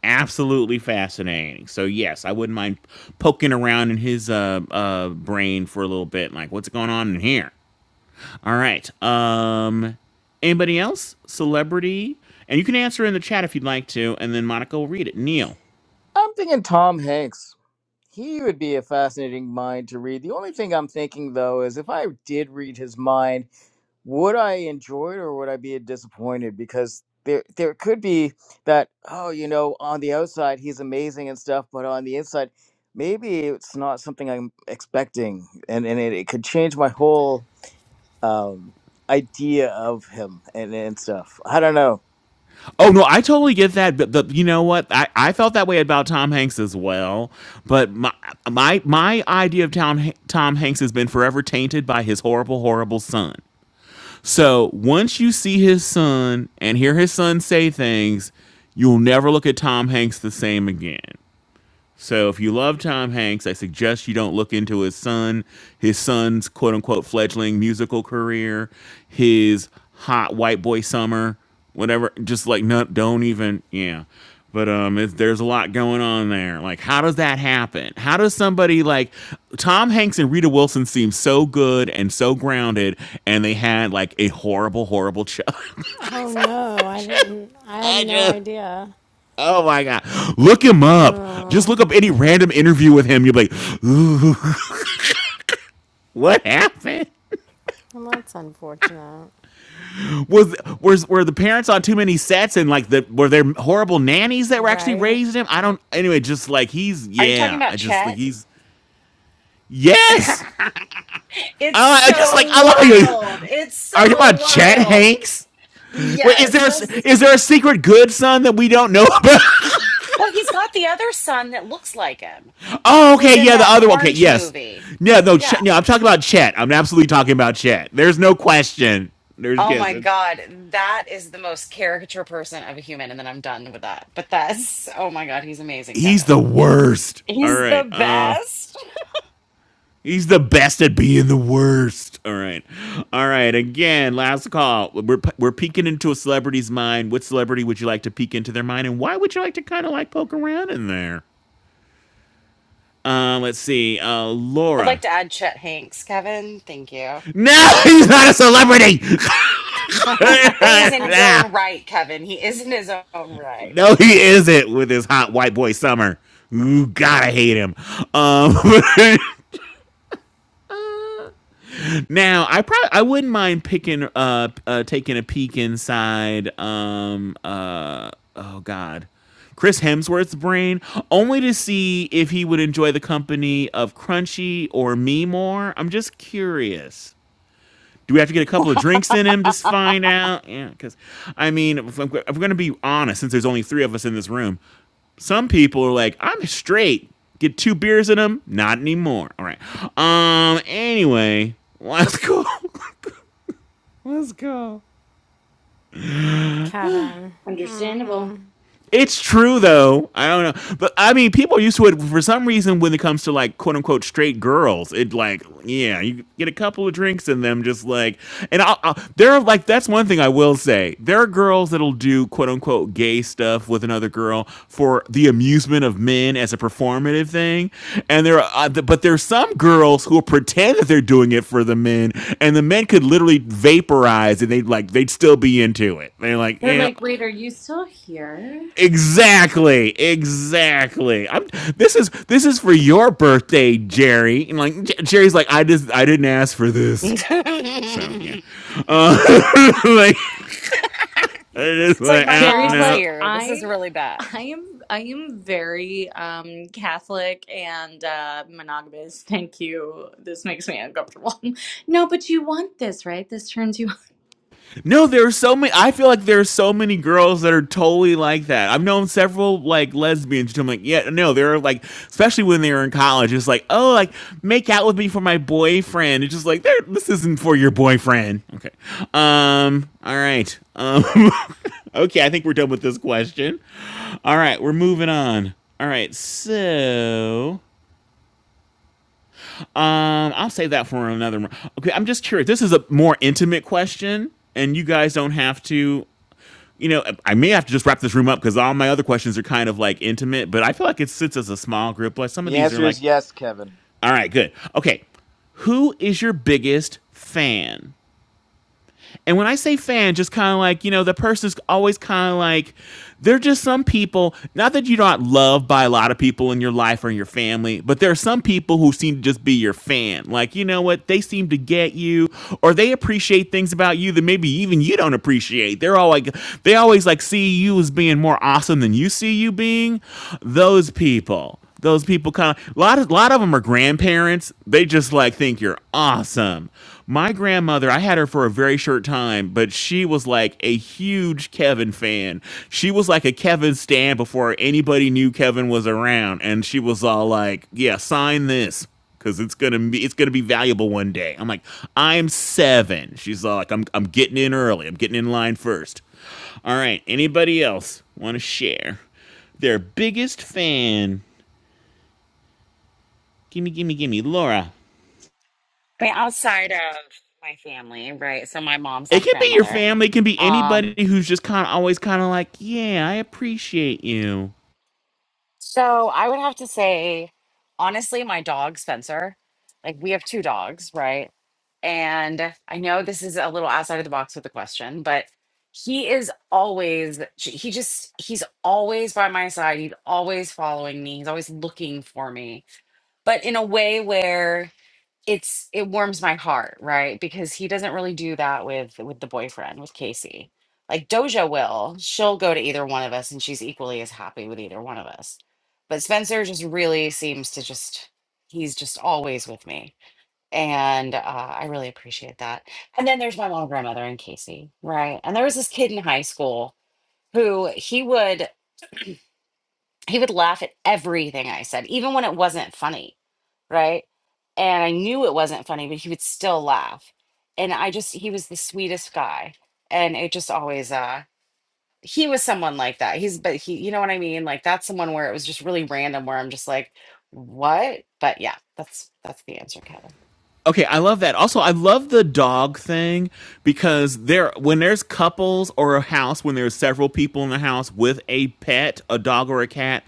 Absolutely fascinating. So yes, I wouldn't mind poking around in his uh, uh, brain for a little bit. Like, what's going on in here? All right. Um, anybody else? Celebrity? And you can answer in the chat if you'd like to, and then Monica will read it. Neil.
I'm thinking Tom Hanks. He would be a fascinating mind to read. The only thing I'm thinking though is if I did read his mind, would I enjoy it or would I be disappointed? Because there there could be that, oh, you know, on the outside he's amazing and stuff, but on the inside, maybe it's not something I'm expecting. And and it, it could change my whole um idea of him and, and stuff. I don't know.
Oh no, I totally get that. But the, you know what? I, I felt that way about Tom Hanks as well. But my my my idea of Tom Tom Hanks has been forever tainted by his horrible horrible son. So once you see his son and hear his son say things, you'll never look at Tom Hanks the same again. So if you love Tom Hanks, I suggest you don't look into his son, his son's quote unquote fledgling musical career, his hot white boy summer, whatever. Just like no, don't even yeah. But um, it, there's a lot going on there. Like, how does that happen? How does somebody like Tom Hanks and Rita Wilson seem so good and so grounded, and they had like a horrible, horrible child?
oh no, I didn't, I had
I
no
just,
idea.
oh my god, look him up. Just
Oh,
look up any random interview with him. You'll be like, What happened?
well, that's unfortunate,
Was was were the parents on too many sets and like the were there horrible nannies that were actually
right?
raising him? I don't. Anyway, just like he's
Are you talking
yeah. I
about
just like
Chet?
he's yes.
it's
Uh, I uh, just like
so
I love how you
wild. It's
are you
so
about Chet
wild.
Hanks. Wait, is
Yes.
there a,
That's...
is there a secret good son that we don't know about?
well, he's got the other son that looks like him,
Oh,
who was
okay,
in
yeah, the
that
other one. Okay,
orange
yes,
movie.
yeah, no,
Yeah.
Ch- no. I'm talking about Chet. I'm absolutely talking about Chet. There's no question. There's
Oh
yes,
my
it's
God, that is the most caricature person of a human. And then I'm done with that. But that's, oh my God, he's amazing,
he's the
Kevin. Yes.
worst. All
He's the
right. um. Uh,
best.
He's the best at being the worst. All right. All right. Again, last call. We're, we're peeking into a celebrity's mind. What celebrity would you like to peek into their mind? And why would you like to kind of like poke around in there? Uh, let's see. Uh,
I'd like
Laura.
to add Chet Hanks, Kevin. Thank you.
No, he's not a celebrity.
He is in his own right, Kevin. He is in his own right.
no, he isn't with his hot white boy summer. Ooh, God, I hate him. Um, Now, I probably I wouldn't mind picking uh, uh taking a peek inside um uh oh god. Chris Hemsworth's brain only to see if he would enjoy the company of Crunchy or me more. I'm just curious. Do we have to get a couple of drinks in him to find out? Yeah, because I mean, if I'm, I'm going to be honest, since there's only three of us in this room, some people are like, "I'm straight." Get two beers in him Not anymore. All right. Um. Anyway, let's go. Let's go.
Kevin.
Understandable.
Mm-mm.
It's true though. I don't know, but I mean, people are used to it for some reason. When it comes to like quote unquote straight girls, it like yeah, you get a couple of drinks in them, just like and I'll, I'll, there are like that's one thing I will say. There are girls that'll do quote unquote gay stuff with another girl for the amusement of men as a performative thing, and there are uh, th- but there's some girls who will pretend that they're doing it for the men, and the men could literally vaporize and they would like they'd still be into it. They're like
They're
yeah,
like, wait, are you still here?
Exactly, exactly. I'm, this is this is for your birthday, Jerry. And like Jerry's like, I just I didn't ask for this.
it's
So yeah, like, I just,
like
like
my
I don't
Terry's
mom's
know.
like,
here. This
I
is really bad.
I am I am very um Catholic and uh monogamous. Thank you. This makes me uncomfortable. no, but you want this, right? This turns you
No, there are so many. I feel like there are so many girls that are totally like that. I've known several like lesbians. I'm like, yeah, no, they're like, especially when they were in college. It's like, oh, like make out with me for my boyfriend. It's just like, there, this isn't for your boyfriend. Okay. Um. All right. Um. okay. I think we're done with this question. All right. We're moving on. All right. So, um, I'll save that for another. mo- Okay. I'm just curious. This is a more intimate question and you guys don't have to you know, I may have to just wrap this room up because all my other questions are kind of like intimate, but I feel like it sits as a small group. Like some of
The
these are
answer
like,
is yes, Kevin.
all right, good. Okay. Who is your biggest fan? And when I say fan, just kind of like, you know, the person's always kind of like, they're just some people, not that you're not loved by a lot of people in your life or in your family, but there are some people who seem to just be your fan. Like, you know what? They seem to get you or they appreciate things about you that maybe even you don't appreciate. They're all like, they always like see you as being more awesome than you see you being. Those people those people kind of a lot of lot of them are grandparents. They just like think you're awesome. My grandmother, I had her for a very short time, but she was like a huge Kevin fan. She was like a Kevin stan before anybody knew Kevin was around, and she was all like, "Yeah, sign this." Cause it's gonna be it's gonna be valuable one day. I'm like, I'm seven." She's all like, I'm I'm getting in early. I'm getting in line first." All right. Anybody else want to share their biggest fan? Gimme, gimme, gimme, Laura.
I mean, outside of my family, right? So my mom's
It
half
can be your
grandmother.
family. It can be
Um,
anybody who's just kind of always kind of like, yeah, I appreciate you.
So I would have to say, honestly, my dog, Spencer, like we have two dogs, right? And I know this is a little outside of the box with the question, but he is always, he just, he's always by my side. He's always following me. He's always looking for me, but in a way where it's it warms my heart, right? Because he doesn't really do that with with the boyfriend, with Casey. Like Doja will, she'll go to either one of us and she's equally as happy with either one of us. But Spencer just really seems to just he's just always with me. And uh, I really appreciate that. And then there's my mom, grandmother, and Casey, right? And there was this kid in high school who he would he would laugh at everything I said, even when it wasn't funny right? And I knew it wasn't funny, but he would still laugh. And I just he was the sweetest guy. And it just always uh he was someone like that. He's but he you know what I mean? Like that's someone where it was just really random where I'm just like, what? But yeah, that's that's the answer, Kevin.
Okay, I love that. Also, I love the dog thing because there when there's couples or a house when there's several people in the house with a pet, a dog or a cat,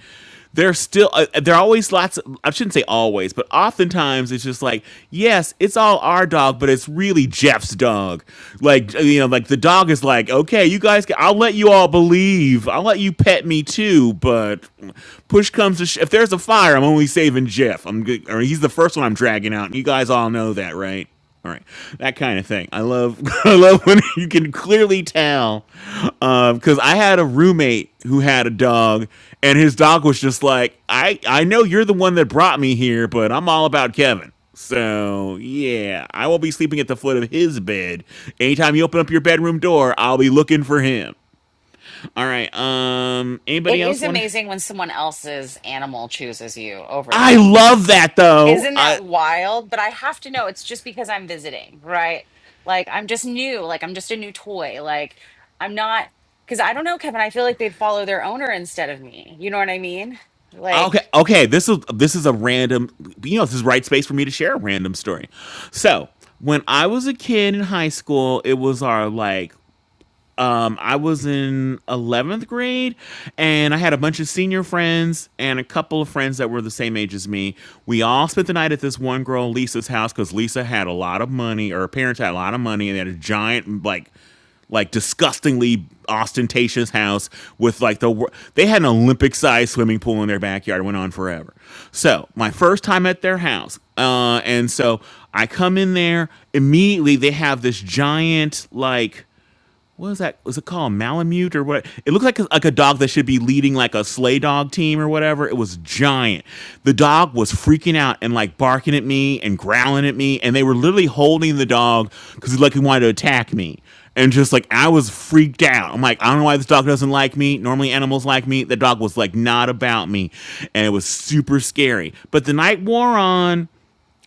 there's still uh, there are always lots of, I shouldn't say always, but oftentimes it's just like, yes, it's all our dog, but it's really Jeff's dog. Like you know, like the dog is like, "Okay, you guys can, I'll let you all believe. I'll let you pet me too, but push comes to if there's a fire, I'm only saving Jeff. I'm good, or he's the first one I'm dragging out. You guys all know that, right? All right, that kind of thing. I love, I love when you can clearly tell, because uh, I had a roommate who had a dog, and his dog was just like, I, I know you're the one that brought me here, but I'm all about Kevin. So yeah, I will be sleeping at the foot of his bed. Anytime you open up your bedroom door, I'll be looking for him. All right. Um.
It
Anybody
is
else want to? Sh-
amazing when someone else's animal chooses you over
I
them.
love that though.
Isn't
I
that wild? But I have to know. It's just because I'm visiting, right? Like I'm just new. Like I'm just a new toy. Like I'm not because I don't know, Kevin. I feel like they'd follow their owner instead of me. You know what I mean?
okay
Like
okay. This is this is a random. You know, this is right space for me to share a random story. So when I was a kid in high school, it was our like um, I was in 11th grade and I had a bunch of senior friends and a couple of friends that were the same age as me. We all spent the night at this one girl, Lisa's house, because Lisa had a lot of money, or her parents had a lot of money, and they had a giant, like, like disgustingly ostentatious house with like the they had an Olympic sized swimming pool in their backyard. It went on forever. So my first time at their house, uh, and so I come in there immediately. They have this giant like what is that? Was it called Malamute or what? It looked like a, like a dog that should be leading like a sleigh dog team or whatever. It was giant. The dog was freaking out and like barking at me and growling at me, and they were literally holding the dog because like he wanted to attack me. And just like I was freaked out. I'm like, I don't know why this dog doesn't like me. Normally animals like me. The dog was like not about me, and it was super scary. But the night wore on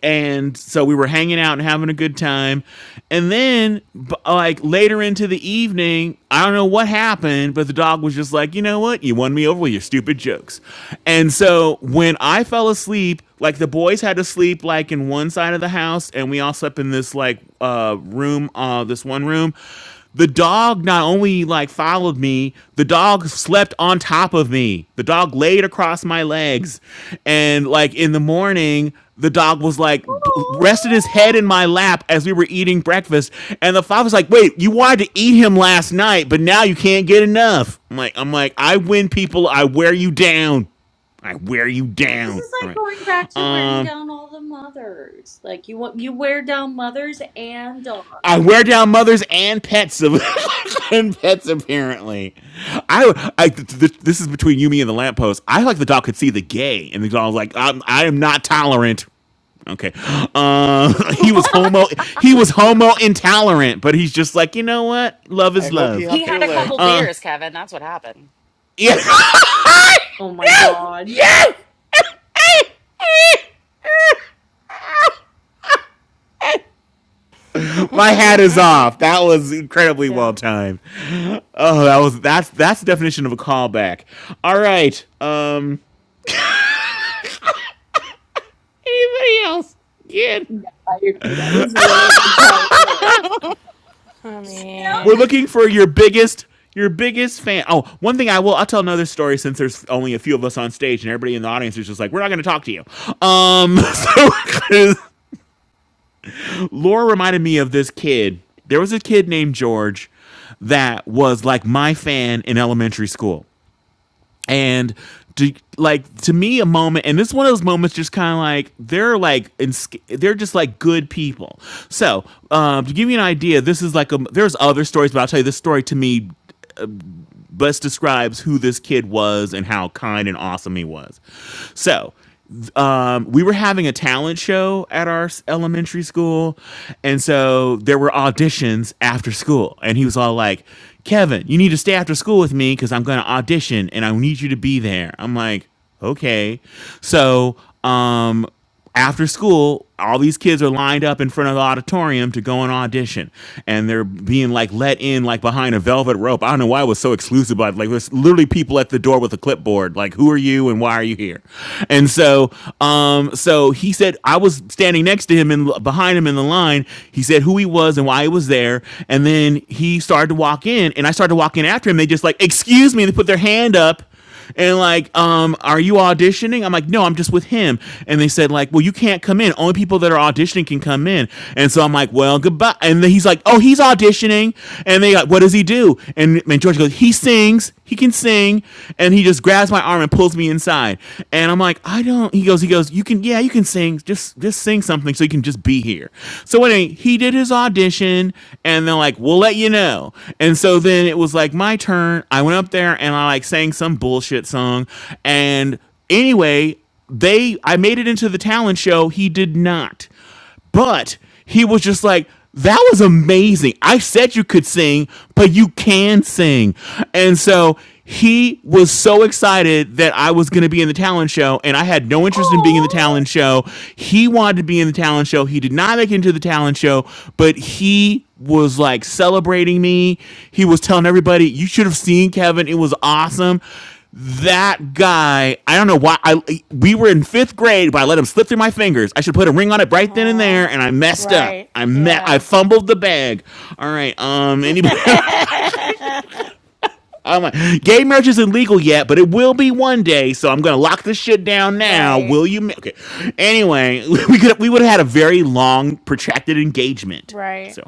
and so we were hanging out and having a good time and then like later into the evening i don't know what happened but the dog was just like you know what you won me over with your stupid jokes and so when i fell asleep like the boys had to sleep like in one side of the house and we all slept in this like uh room uh this one room the dog not only like followed me, the dog slept on top of me. The dog laid across my legs. And like in the morning, the dog was like
Aw.
rested his head in my lap as we were eating breakfast. And the father's like, wait, you wanted to eat him last night, but now you can't get enough. I'm like, I'm like, I win people, I wear you down. I wear you
This
down.
is
All
like
right.
going back to wearing
Um
down all the mothers. Like you want you wear down mothers and dogs.
I wear down mothers and pets and pets apparently. I, I th- th- this is between you, me, and the lamppost. I like the dog could see the gay, and the dog was like, I'm, "I am not tolerant." Okay, uh, he was
oh
homo. He was homo intolerant, but he's just like, you know what? Love
I
is
hope he
love.
he
humped
Okay,
had
your
a
leg.
couple
uh,
beers, Kevin. That's what happened.
yeah,
my god.
my hat is off. That was incredibly well
yeah,
timed. Oh, that was that's that's the definition of a callback. All right, um, anybody else? Yeah.
I agree. That was really good timing, Laura.
I
We're
mean,
looking for your biggest your biggest fan. Oh, one thing I will I'll tell another story since there's only a few of us on stage and everybody in the audience is just like, we're not going to talk to you. Um, so Laura reminded me of this kid. There was a kid named George that was like my fan in elementary school, and to, like to me a moment and this is one of those moments just kind of like they're like in, they're just like good people so um, to give you an idea this is like a there's other stories but i'll tell you this story to me best describes who this kid was and how kind and awesome he was. So, um, we were having a talent show at our s- elementary school, and so there were auditions after school. And he was all like, "Kevin, you need to stay after school with me because I'm going to audition, and I need you to be there." I'm like, "Okay." So, um, after school, all these kids are lined up in front of the auditorium to go and audition, and they're being like let in like behind a velvet rope. I don't know why it was so exclusive, but like there's literally people at the door with a clipboard, like "Who are you and why are you here?" And so, um, so he said I was standing next to him and behind him in the line. He said who he was and why he was there, and then he started to walk in, and I started to walk in after him. They just like excuse me, and they put their hand up and like um are you auditioning i'm like no i'm just with him and they said like well you can't come in only people that are auditioning can come in and so i'm like well goodbye and then he's like oh he's auditioning and they like what does he do and, and george goes he sings he can sing and he just grabs my arm and pulls me inside and i'm like i don't he goes he goes you can yeah you can sing just just sing something so you can just be here so anyway he did his audition edition, and they're like, "We'll let you know." And so then it was like my turn. I went up there and I like sang some bullshit song, and anyway, they I made it into the talent show. He did not, but he was just like. That was amazing. I said you could sing, but you can sing. And so he was so excited that I was going to be in the talent show, and I had no interest in being in the
Aww.
talent show. He wanted to be in the talent show. He did not make it into the talent show, but he was like celebrating me. He was telling everybody, "You should have seen Kevin. It was awesome." That guy, I don't know why. I we were in fifth grade, but I let him slip through my fingers. I should put a ring on it right then and there,
Oh,
and I messed up.
Right.
I met. I
Yeah.
fumbled the bag. All right. Um. Anybody? I'm like, gay marriage isn't legal yet, but it will be one day. So I'm gonna lock this shit down now.
right.
Will you? Ma-? Okay. Anyway, we could we would have had a very long, protracted engagement.
Right.
So,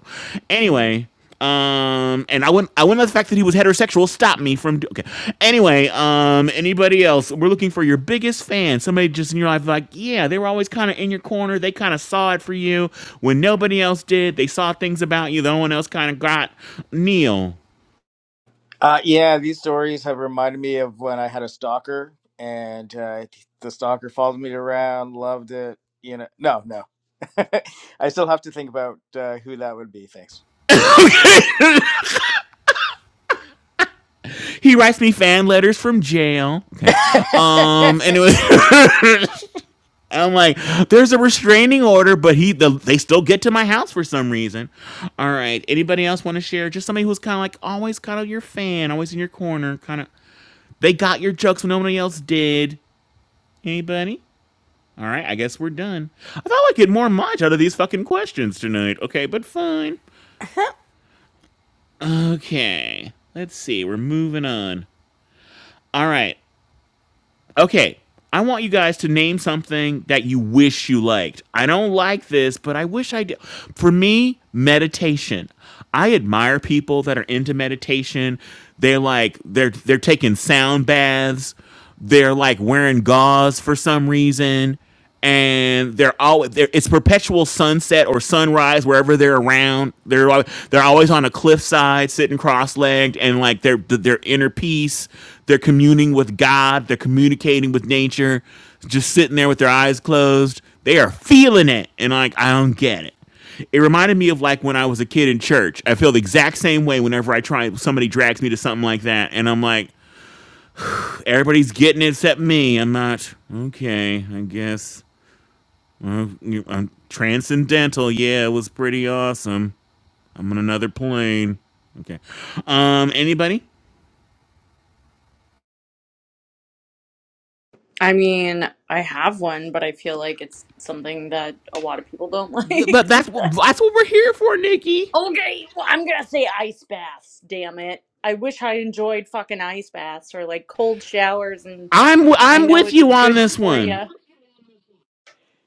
anyway, um, and I wouldn't I wouldn't let the fact that he was heterosexual stop me from do- okay. Anyway, um, anybody else? We're looking for your biggest fan. Somebody just in your life, like yeah, they were always kind of in your corner. They kind of saw it for you when nobody else did. They saw things about you that no one else kind of got. Neil.
Uh, yeah, these stories have reminded me of when I had a stalker, and uh, the stalker followed me around, loved it. You know, no, no. I still have to think about uh, who that would be. Thanks.
He writes me fan letters from jail. Okay. Um. And it was. I'm like, there's a restraining order, but he the, they still get to my house for some reason. All right. Anybody else want to share? Just somebody who's kind of like always kind of your fan, always in your corner, kind of. They got your jokes when nobody else did. Anybody? All right, I guess we're done. I thought I'd get more much out of these fucking questions tonight. Okay, but fine. Okay, let's see. We're moving on. All right, Okay, I want you guys to name something that you wish you liked. I don't like this, but I wish I did. For me, meditation. I admire people that are into meditation. They're like they're they're taking sound baths. They're like wearing gauze for some reason and they're always they're, it's perpetual sunset or sunrise wherever they're around. They're al- they're always on a cliffside, sitting cross-legged, and like their th- their inner peace. They're communing with God. They're communicating with nature, just sitting there with their eyes closed. They are feeling it, and like I don't get it. It reminded me of like when I was a kid in church. I feel the exact same way whenever I try. Somebody drags me to something like that, and I'm like, everybody's getting it except me. I'm not okay. I guess uh, you- um, transcendental. Yeah, it was pretty awesome. I'm on another plane. Okay. Um. Anybody?
I mean, I have one, but I feel like it's something that a lot of people don't
Th-
like.
But that's what that's what we're here for, Nikki.
Okay, well, I'm gonna say ice baths. Damn it! I wish I enjoyed fucking ice baths or like cold showers, and
I'm w-
I
I'm
know
with
it's
you on
good
this
for
one.
you.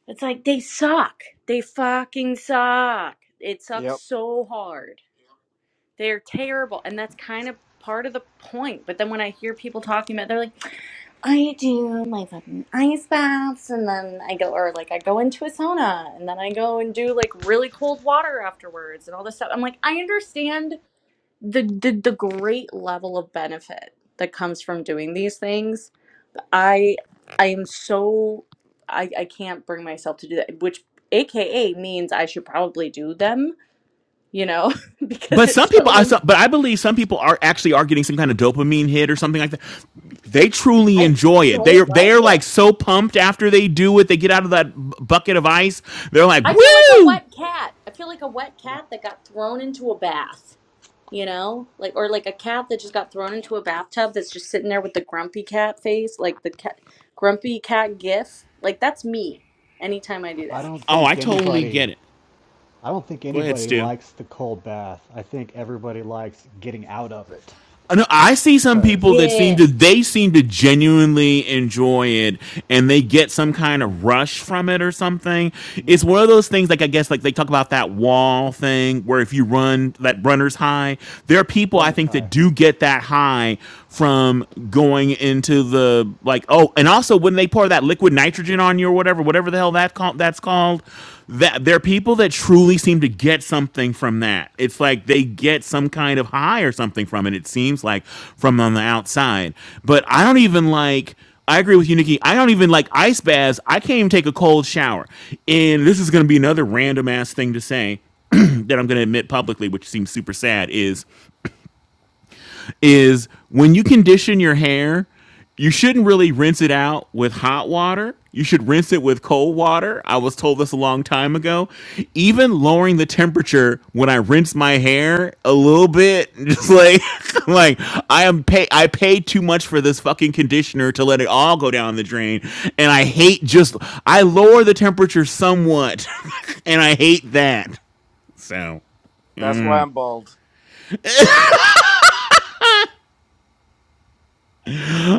It's like they suck. They fucking suck. It sucks
yep,
so hard. They're terrible. And that's kind of part of the point. But then when I hear people talking about they're like, I do my fucking ice baths and then I go or like I go into a sauna and then I go and do like really cold water afterwards and all this stuff. I'm like, I understand the the, the great level of benefit that comes from doing these things I I am so I I can't bring myself to do that, which AKA means I should probably do them, you know, because
But some
it's
people,
so
I
un-
saw, but I believe some people are actually are getting some kind of dopamine hit or something like that. They truly
I
enjoy it. They are
don't
they
like
are
it.
like so pumped after they do it. They get out of that bu- bucket of ice. They're like,
I feel like a
woo!
wet cat. I feel like a wet cat that got thrown into a bath, you know? Like or like a cat that just got thrown into a bathtub that's just sitting there with the grumpy cat face, like the cat grumpy cat gif. Like that's me anytime I do
I
that.
don't
Oh, I
think
totally get
anybody
it.
I don't think
Go ahead,
anybody
Stu.
likes the cold bath. I think everybody likes getting out of it
I know I see some
cuz
people that seem
yeah.
to they seem to genuinely enjoy it and they get some kind
no.
of rush from it or something. It's
No.
one of those things like I guess like they talk about that wall thing where if you run that runner's high, there are people I
Runner's
think that
high.
do get that high from going into the like oh and also when they pour that liquid nitrogen on you or whatever whatever the hell that call, that's called that there are people that truly seem to get something from that. It's like they get some kind of high or something from it. It seems like from on the outside. But I don't even like. I agree with you, Nikki. I don't even like ice baths. I can't even take a cold shower. And this is going to be another random ass thing to say that I'm going to admit publicly, which seems super sad, is is when you condition your hair, you shouldn't really rinse it out with hot water. You should rinse it with cold water. I was told this a long time ago. Even lowering the temperature when I rinse my hair a little bit, just like like I am pay I paid too much for this fucking conditioner to let it all go down the drain. And I hate just I lower the temperature somewhat and I hate that. So
that's why I'm bald.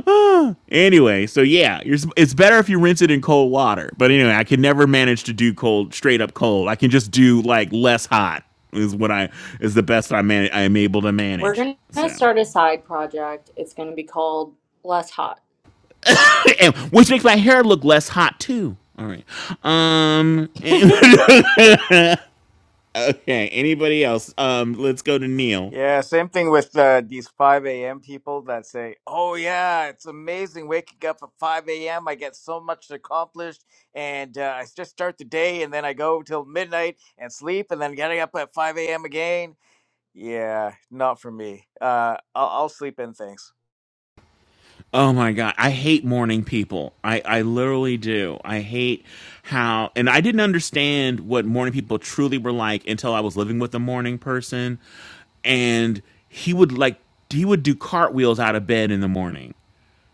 anyway, so yeah, you're, it's better if you rinse it in cold water. But anyway, I can never manage to do cold, straight up cold. I can just do like less hot is what I is the best I man I am able to
We're
manage.
gonna
So,
start a side project. It's gonna be called Less Hot.
And- which makes my hair look less hot too. All right. Um. okay. Anybody else? Um. Let's go to Neil.
Yeah, same thing with uh, these 5 a.m. people that say, "Oh yeah, it's amazing waking up at 5 a.m. I get so much accomplished, and uh, I just start the day, and then I go till midnight and sleep, and then getting up at 5 a.m. again." Yeah, not for me. Uh, I'll, I'll sleep in things.
Oh my god, I hate morning people. I I literally do. I hate how and I didn't understand what morning people truly were like until I was living with a morning person and he would like he would do cartwheels out of bed in the morning.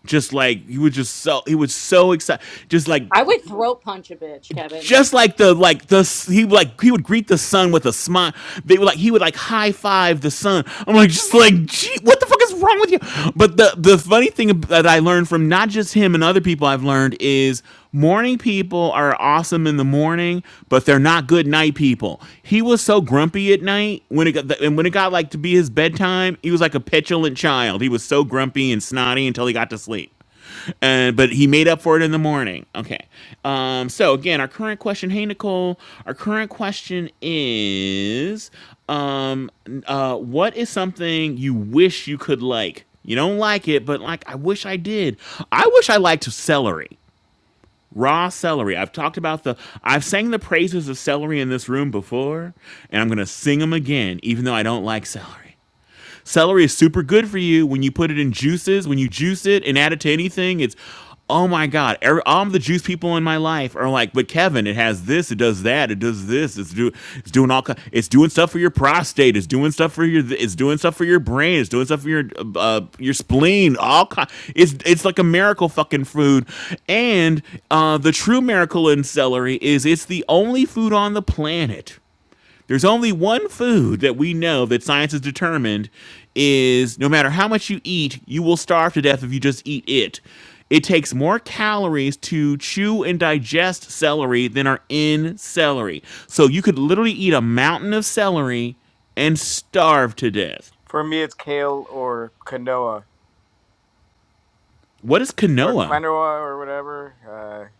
Just like he would just so he was so excited just like
I would throat punch a bitch, Kevin.
just like the like the he like he would greet the sun with a smile. They were like he would like high five the sun. I'm like just like gee, what the fuck is wrong with you? But the the funny thing that I learned from not just him and other people I've learned is morning people are awesome in the morning, but they're not good night people. He was so grumpy at night when it got and when it got like to be his bedtime, he was like a petulant child. He was so grumpy and snotty until he got to sleep. Uh, but he made up for it in the morning. Okay. Um, so again, our current question, hey Nicole, our current question is, um, uh, what is something you wish you could like? You don't like it, but like I wish I did. I wish I liked celery raw celery. I've talked about the I've sang the praises of celery in this room before, and I'm going to sing them again even though I don't like celery. Celery is super good for you when you put it in juices, when you juice it and add it to anything. It's oh my god, every, all the juice people in my life are like, but Kevin, it has this, it does that, it does this, it's do it's doing all ki- it's doing stuff for your prostate, it's doing stuff for your it's doing stuff for your brain, it's doing stuff for your uh, your spleen, all kind. It's it's like a miracle fucking food, and uh, the true miracle in celery is it's the only food on the planet there's only one food that we know that science has determined is no matter how much you eat, you will starve to death if you just eat it. It takes more calories to chew and digest celery than are in celery. So you could literally eat a mountain of celery and starve to death.
For me, it's kale or quinoa
What is
or
quinoa?
quinoa or whatever. Uh,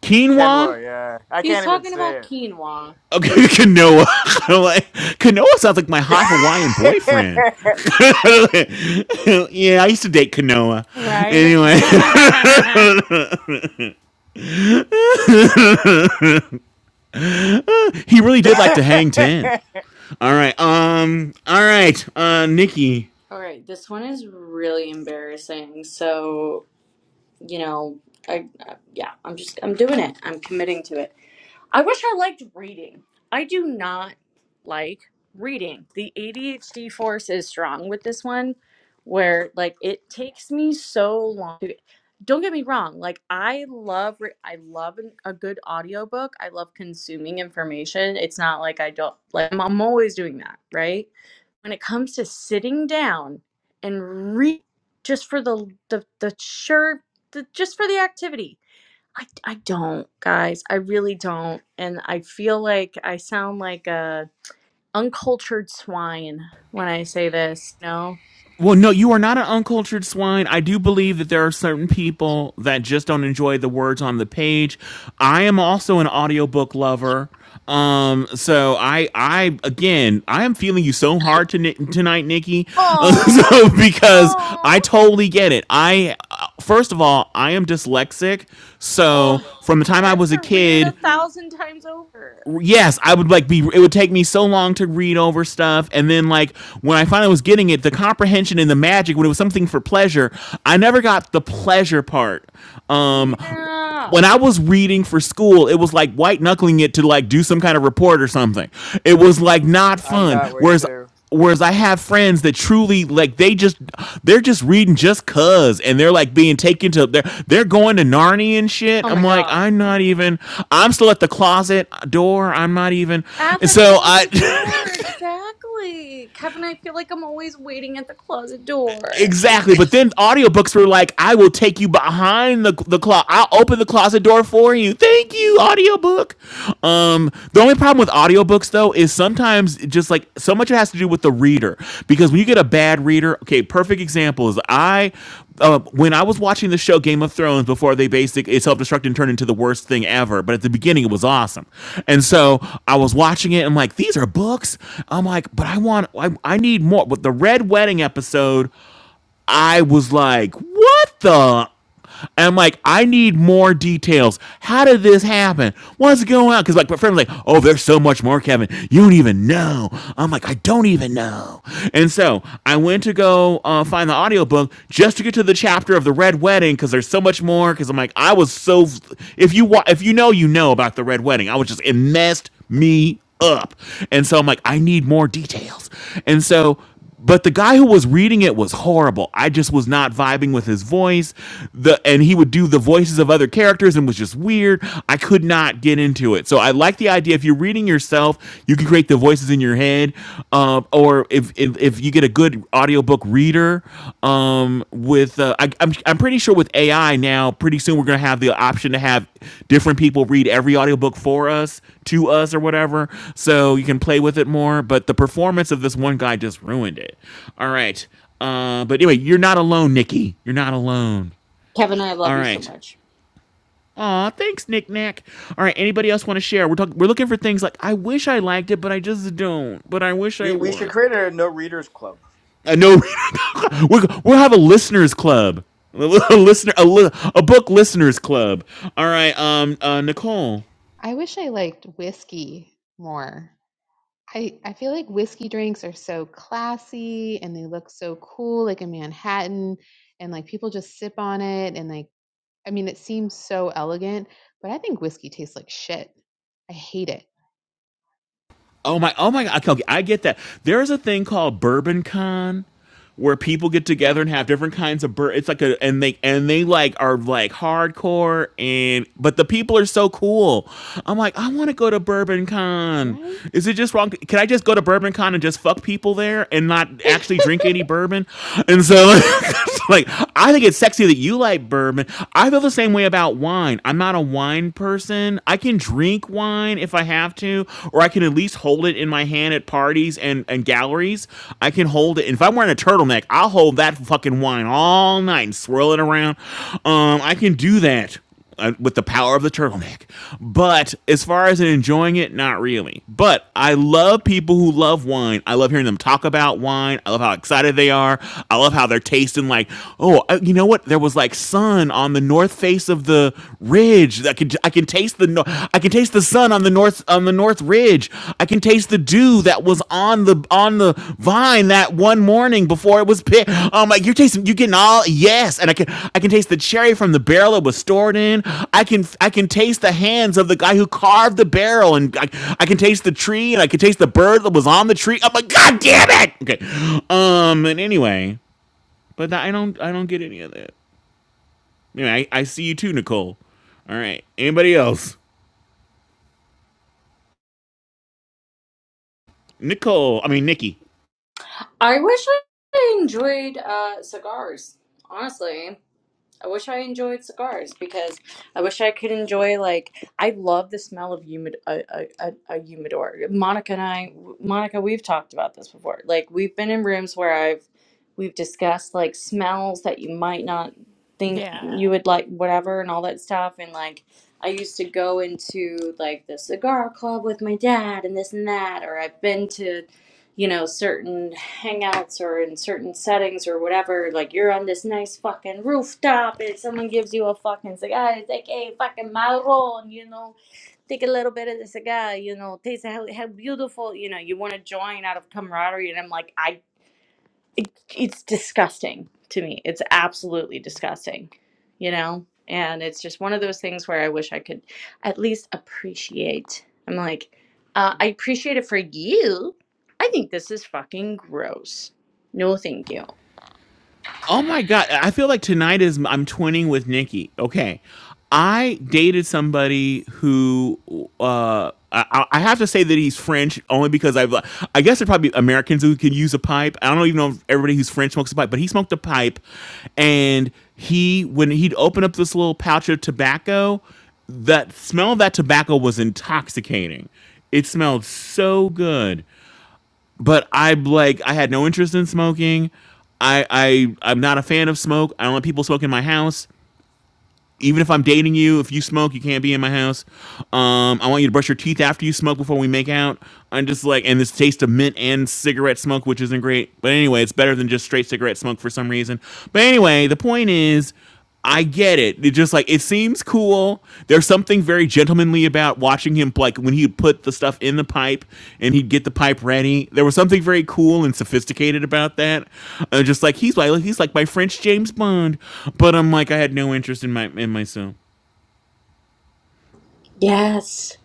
Quinoa?
quinoa. Yeah, I
He's
can't even
talking about
say
quinoa.
Okay, quinoa. like, quinoa sounds like my hot Hawaiian boyfriend. yeah, I used to date quinoa.
Right.
Anyway, He really did like to hang ten.
it.
All right. Um. All right. Uh, Nikki.
All right, this one is really embarrassing. So you know, I, I yeah, I'm just I'm doing it. I'm committing to it. I wish I liked reading. I do not like reading. The ADHD force is strong with this one, where like it takes me so long. To, don't get me wrong. Like I love, re- I love an, a good audiobook. I love consuming information. It's not like I don't like. I'm, I'm always doing that, right? When it comes to sitting down and read, just for the the the sure, the, just for the activity I, I don't, guys. I really don't. And I feel like I sound like a uncultured swine when I say this, no?
Well, no, you are not an uncultured swine. I do believe that there are certain people that just don't enjoy the words on the page. I am also an audiobook lover. Um, so I, I again, I am feeling you so hard to, tonight, Nikki, uh,
Oh,
so, because I
oh,
totally get it. I, uh, first of all, I am dyslexic, so
oh.
from the time
I
I
have
was a
to read it
kid,
a thousand times over.
yes i would like be it would take me so long to read over stuff and then like when i finally was getting it the comprehension and the magic when it was something for pleasure i never got the pleasure part um
Yeah.
when i was reading for school it was like white knuckling it to like do some kind of report or something it was like not
I'm
fun
that way
whereas
too.
Whereas I have friends that truly like they just they're just reading just cuz and they're like being taken to they're they're going to Narnia and shit.
Oh my
I'm like,
God.
I'm not even I'm still at the closet door. I'm not even
At
and
the
so I
closet door, exactly. Kevin, I feel like I'm always waiting at the closet door.
Exactly. But then audiobooks were like, I will take you behind the the closet. I'll open the closet door for you. Thank you, audiobook. Um, the only problem with audiobooks though is sometimes it just like so much it has to do with the reader. Because when you get a bad reader, okay, perfect example is I uh, when I was watching the show Game of Thrones before they basic it self-destructed and turned into the worst thing ever, but at the beginning it was awesome. And so I was watching it and I'm like, these are books. I'm like, but I want I, I need more. With the Red Wedding episode I was like, what the? And I'm like, I need more details. How did this happen? What's going on? Because like my friend was like, oh, there's so much more, Kevin. You don't even know. I'm like, I don't even know. And so I went to go uh, find the audiobook just to get to the chapter of the red wedding because there's so much more. Because I'm like, I was so if you wa- if you know you know about the red wedding, I was just it messed me up. And so I'm like, I need more details. And so but the guy who was reading it was horrible. I just was not vibing with his voice. The and he would do the voices of other characters and was just weird. I could not get into it. So I like the idea if you're reading yourself, you can create the voices in your head. Um, or if, if if you get a good audiobook reader, um with uh, I, I'm, I'm pretty sure with ai now pretty soon we're going to have the option to have different people read every audiobook for us to us or whatever so you can play with it more but the performance of this one guy just ruined it all right uh but anyway you're not alone nikki you're not alone
Kevin, I
all
love you so
right
much.
Aw, thanks, Nick Nack. All right, anybody else want to share? We're talking. We're looking for things like I wish I liked it, but I just don't. But I wish I
We we should
would.
create a no readers club.
Uh, no, we're, we'll have a listeners club, a listener, a, li- a book listeners club. All right, um, uh, Nicole.
I wish I liked whiskey more. I, I feel like whiskey drinks are so classy and they look so cool, like in Manhattan, and like people just sip on it. And like, I mean, it seems so elegant, but I think whiskey tastes like shit. I hate it.
Oh my, oh my God. Okay, I get that. There's a thing called Bourbon Con where people get together
Oh,
and have different kinds of bur it's like a and they and they like are like hardcore and but the people are so cool i'm like i want to go to bourbon con
right?
is it just wrong can i just go to bourbon con and just fuck people there and not actually drink any bourbon and so like i think it's sexy that you like bourbon i feel the same way about wine i'm not a wine person wine. I can drink wine if I have to, or I can at least hold it in my hand at parties and, and galleries. I can hold it. And if I'm wearing a turtleneck, I'll hold that fucking wine all night and swirl it around. Um, I can do that uh, with the power of the turtleneck. But as far as enjoying it, not really. But I love people who love wine. I love hearing them talk about wine. I love how excited they are. I love how they're tasting like, oh, uh, you know what? There was like sun on the north face of the ridge. I can I can taste the no, I can taste the sun on the north on the north ridge. I can taste the dew that was on the on the vine that one morning before it was picked. Um, like you're tasting, you're getting all yes, and I can I can taste the cherry from the barrel it was stored in. I can I can taste the hands of the guy who carved the barrel, and I, I can taste the tree, and I can taste the bird that was on the tree. I'm like, God damn it! Okay, um, and anyway, but I don't I don't get any of that. Anyway, I, I see you too, Nicole. All right. Anybody else? Nicole. I mean Nikki.
I wish I enjoyed uh, cigars, honestly. I wish I enjoyed cigars because I wish I could enjoy like I love the smell of humid a, a, a, a humidor. Monica and I, Monica, we've talked about this before. Like we've been in rooms where I've we've discussed like smells that you might not think
yeah.
you would like, whatever, and all that stuff. And like I used to go into like the cigar club with my dad and this and that, or I've been to you know, certain hangouts or in certain settings or whatever, like you're on this nice fucking rooftop and someone gives you a fucking cigar, it's like, hey, fucking marron, you know, take a little bit of the cigar, you know, taste how, how beautiful, you know, you want to join out of camaraderie. And I'm like, I it, it's disgusting to me. It's absolutely disgusting, you know? And it's just one of those things where I wish I could at least appreciate. I'm like, uh, I appreciate it for you. I think this is fucking gross. No, thank you.
Oh my god, I feel like tonight is I'm twinning with Nikki. Okay. I dated somebody who uh I, I have to say that he's French only because I've I guess there are probably Americans who can use a pipe. I don't even know if everybody who's French smokes a pipe, but he smoked a pipe and he when he'd open up this little pouch of tobacco, that smell of that tobacco was intoxicating. It smelled so good but I'm like I had no interest in smoking. I I I'm not a fan of smoke. I don't want people smoking in my house. Even if I'm dating you, if you smoke, you can't be in my house. Um, I want you to brush your teeth after you smoke before we make out. I'm just like, and this taste of mint and cigarette smoke, which isn't great. But anyway, it's better than just straight cigarette smoke for some reason. But anyway, the point is, I get it. It's just like it, seems cool. There's something very gentlemanly about watching him, like when he'd put the stuff in the pipe and he'd get the pipe ready. There was something very cool and sophisticated about that. Uh, just like he's like he's like my French James Bond, but I'm like I had no interest in my in myself.
Yes.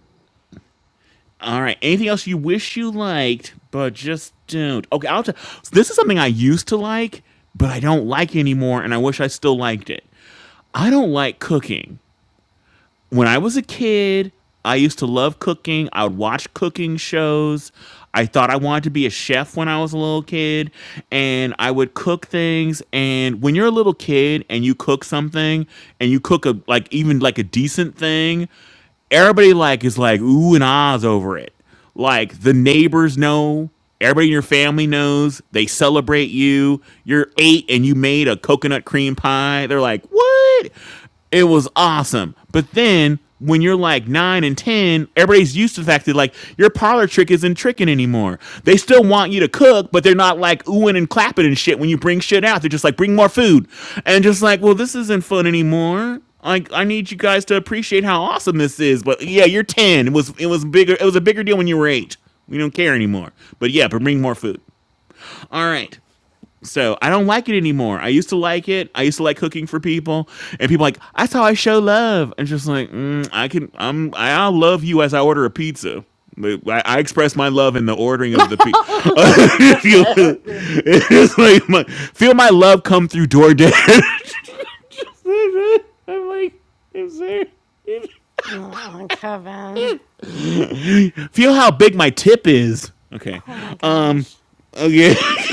All right, anything else you wish you liked but just don't? Okay, I'll. T- so this is something I used to like, but I don't like anymore, and I wish I still liked it. I don't like cooking. when I was a kid, I used to love cooking. I would watch cooking shows. I thought I wanted to be a chef when I was a little kid, and I would cook things. And when you're a little kid and you cook something, and you cook a like even like a decent thing, everybody like is like ooh and ahs over it. Like the neighbors know, everybody in your family knows. They celebrate you. You're eight and you made a coconut cream pie. They're like, what? It was awesome. But then when you're like nine and ten, everybody's used to the fact that like your parlor trick isn't tricking anymore. They still want you to cook, but they're not like oohing and clapping and shit when you bring shit out. They're just like, bring more food. And just like, well, this isn't fun anymore. I I need you guys to appreciate how awesome this is. But yeah, you're ten. It was it was bigger. It was a bigger deal when you were eight. We don't care anymore. But yeah, but bring more food. All right. So I don't like it anymore. I used to like it. I used to like cooking for people, and people are like that's how I show love. And just like mm, I can, I'm I'll love you as I order a pizza. I, I express my love in the ordering of the pizza.
I
it's like my, feel my love come through DoorDash.
Uh, Kevin.
Feel how big my tip is. Okay.
Oh my
Um.
gosh.
Okay.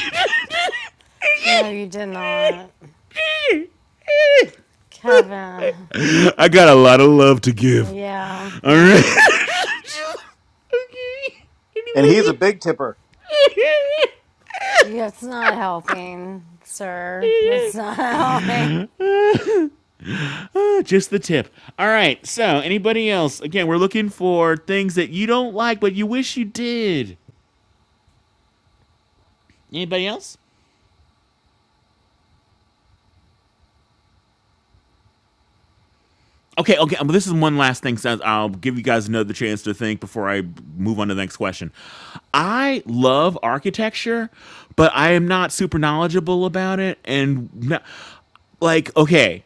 No, you did not. Kevin.
I got a lot of love to give.
Yeah.
All right.
Mm-hmm.
And he's a big tipper.
That's not helping, sir. That's not helping.
Uh, just the tip. All right. So, anybody else? Again, we're looking for things that you don't like, but you wish you did. Anybody else? Okay. Okay. Um, this is one last thing. So I'll give you guys another chance to think before I move on to the next question. I love architecture, but I am not super knowledgeable about it, and no- like okay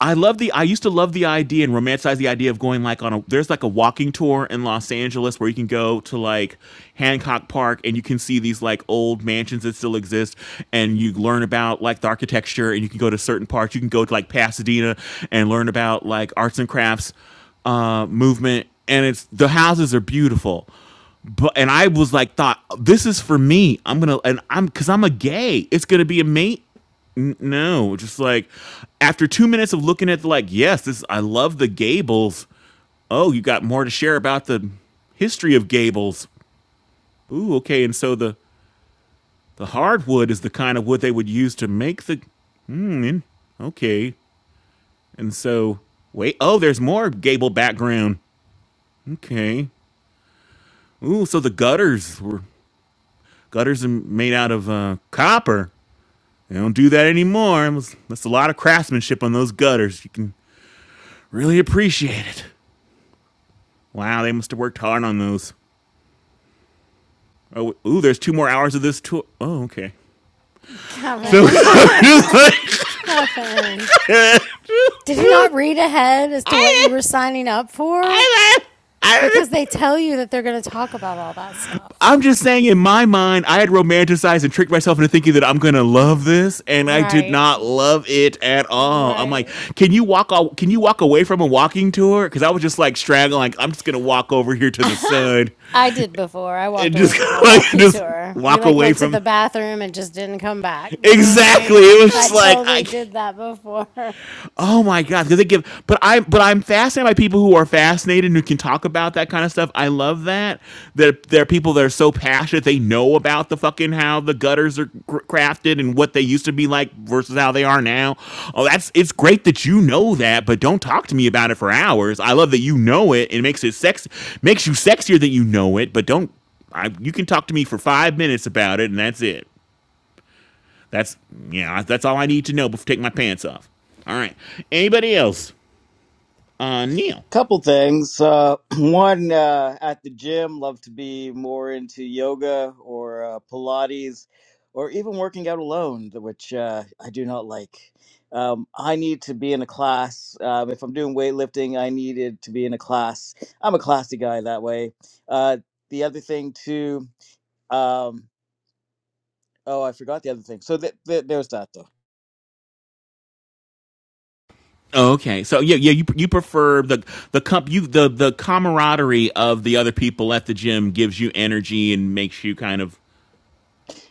i love the i used to love the idea and romanticize the idea of going like on a there's like a walking tour in los angeles where you can go to like hancock park and you can see these like old mansions that still exist and you learn about like the architecture and you can go to certain parts you can go to like pasadena and learn about like arts and crafts uh, movement and it's the houses are beautiful but and I was like, thought this is for me. I'm gonna and I'm because I'm a gay. It's gonna be a mate. N- No, just like after two minutes of looking at the like, yes, this I love the Gables. Oh, you got more to share about the history of Gables. Ooh, okay. And so the the hardwood is the kind of wood they would use to make the. Hmm. Okay. And so wait. Oh, there's more Gable background. Okay. Ooh, so the gutters were gutters are made out of uh, copper. They don't do that anymore. was- That's a lot of craftsmanship on those gutters. You can really appreciate it. Wow, they must have worked hard on those. Oh, ooh, there's two more hours of this tour. Oh, okay.
No,
So
Kevin. Kevin. Did you not read ahead as to what
I,
you were signing up for? Because they tell you that they're going to talk about all that stuff.
am just saying, in my mind, I had romanticized and tricked myself into thinking that I'm gonna love this, and I did
Right,
not love it at all. I'm like,
right.
can you walk? can you walk away from a walking tour? Because I was just like straggling, like I'm just gonna walk over here to the sun
I did before. I walked
and
away
just
from a
like
walking
just
tour. We
walk
like
away
went to
from.
the bathroom and just didn't come back. You know what I
Exactly.
mean?
It was
I
just like I.
totally
Can't,
did that before.
Oh my god, because they give. But i but I'm fascinated by people who are fascinated and who can talk about that kind of stuff. I love that. There there are people that are so passionate they know about the fucking how the gutters are cr- crafted and what they used to be like versus how they are now. Oh, that's it's great that you know that, but don't talk to me about it for hours. I love that you know it. It makes it sex makes you sexier that you know it, but don't. I, you can talk to me for five minutes about it, and that's it. That's yeah. That's all I need to know before taking my pants off. All right. Anybody else? uh, Neil.
Couple things. Uh, one, uh, at the gym, love to be more into yoga or uh, Pilates or even working out alone, th- which uh, I do not like. Um, I need to be in a class. Um, if I'm doing weightlifting, I needed to be in a class. I'm a classy guy that way. Uh, the other thing, too, um, oh, I forgot the other thing. So th- th- there's that, though.
Oh, Okay, so yeah, yeah, you you prefer the the comp you the the camaraderie of the other people at the gym gives you energy and makes you kind of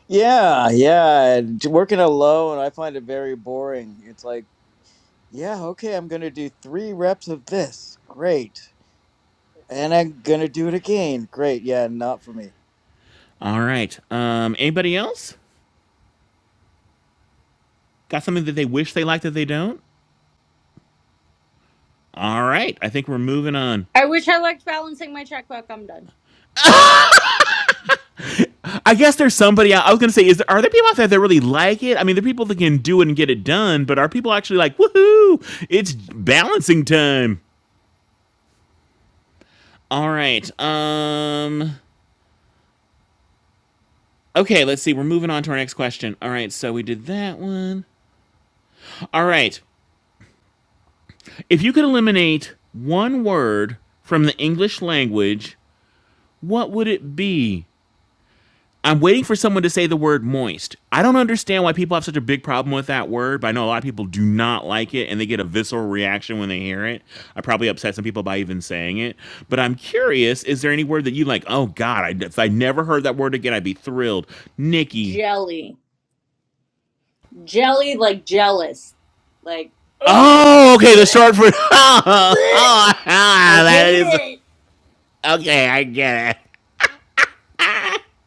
Yeah, yeah. d- Working alone, I find it very boring. It's like, Yeah, okay, I'm gonna do three reps of this. Great. And I'm gonna do it again. Great. Yeah, not for me.
all right. Um, anybody else got something that they wish they liked that they don't? All right, I think we're moving on.
wish I liked balancing my checkbook. I'm done.
I guess there's somebody. I, I was gonna say, is there, are there people out there that really like it? I mean, there are people that can do it and get it done, but are people actually like, woohoo! It's balancing time. All right. Um, Okay, let's see. We're moving on to our next question. All right, so we did that one. All right. If you could eliminate one word from the English language, what would it be? I'm waiting for someone to say the word moist. I don't understand why people have such a big problem with that word, but I know a lot of people do not like it and they get a visceral reaction when they hear it. I probably upset some people by even saying it. But I'm curious is there any word that you like, oh God, I, if I never heard that word again, I'd be thrilled? Nikki,
Jelly. Jelly like jealous. Like, oh,
Oh, okay, the
bleh,
short for. Oh,
bleh.
oh, oh,
I
that
hate
is
it.
okay. I get it.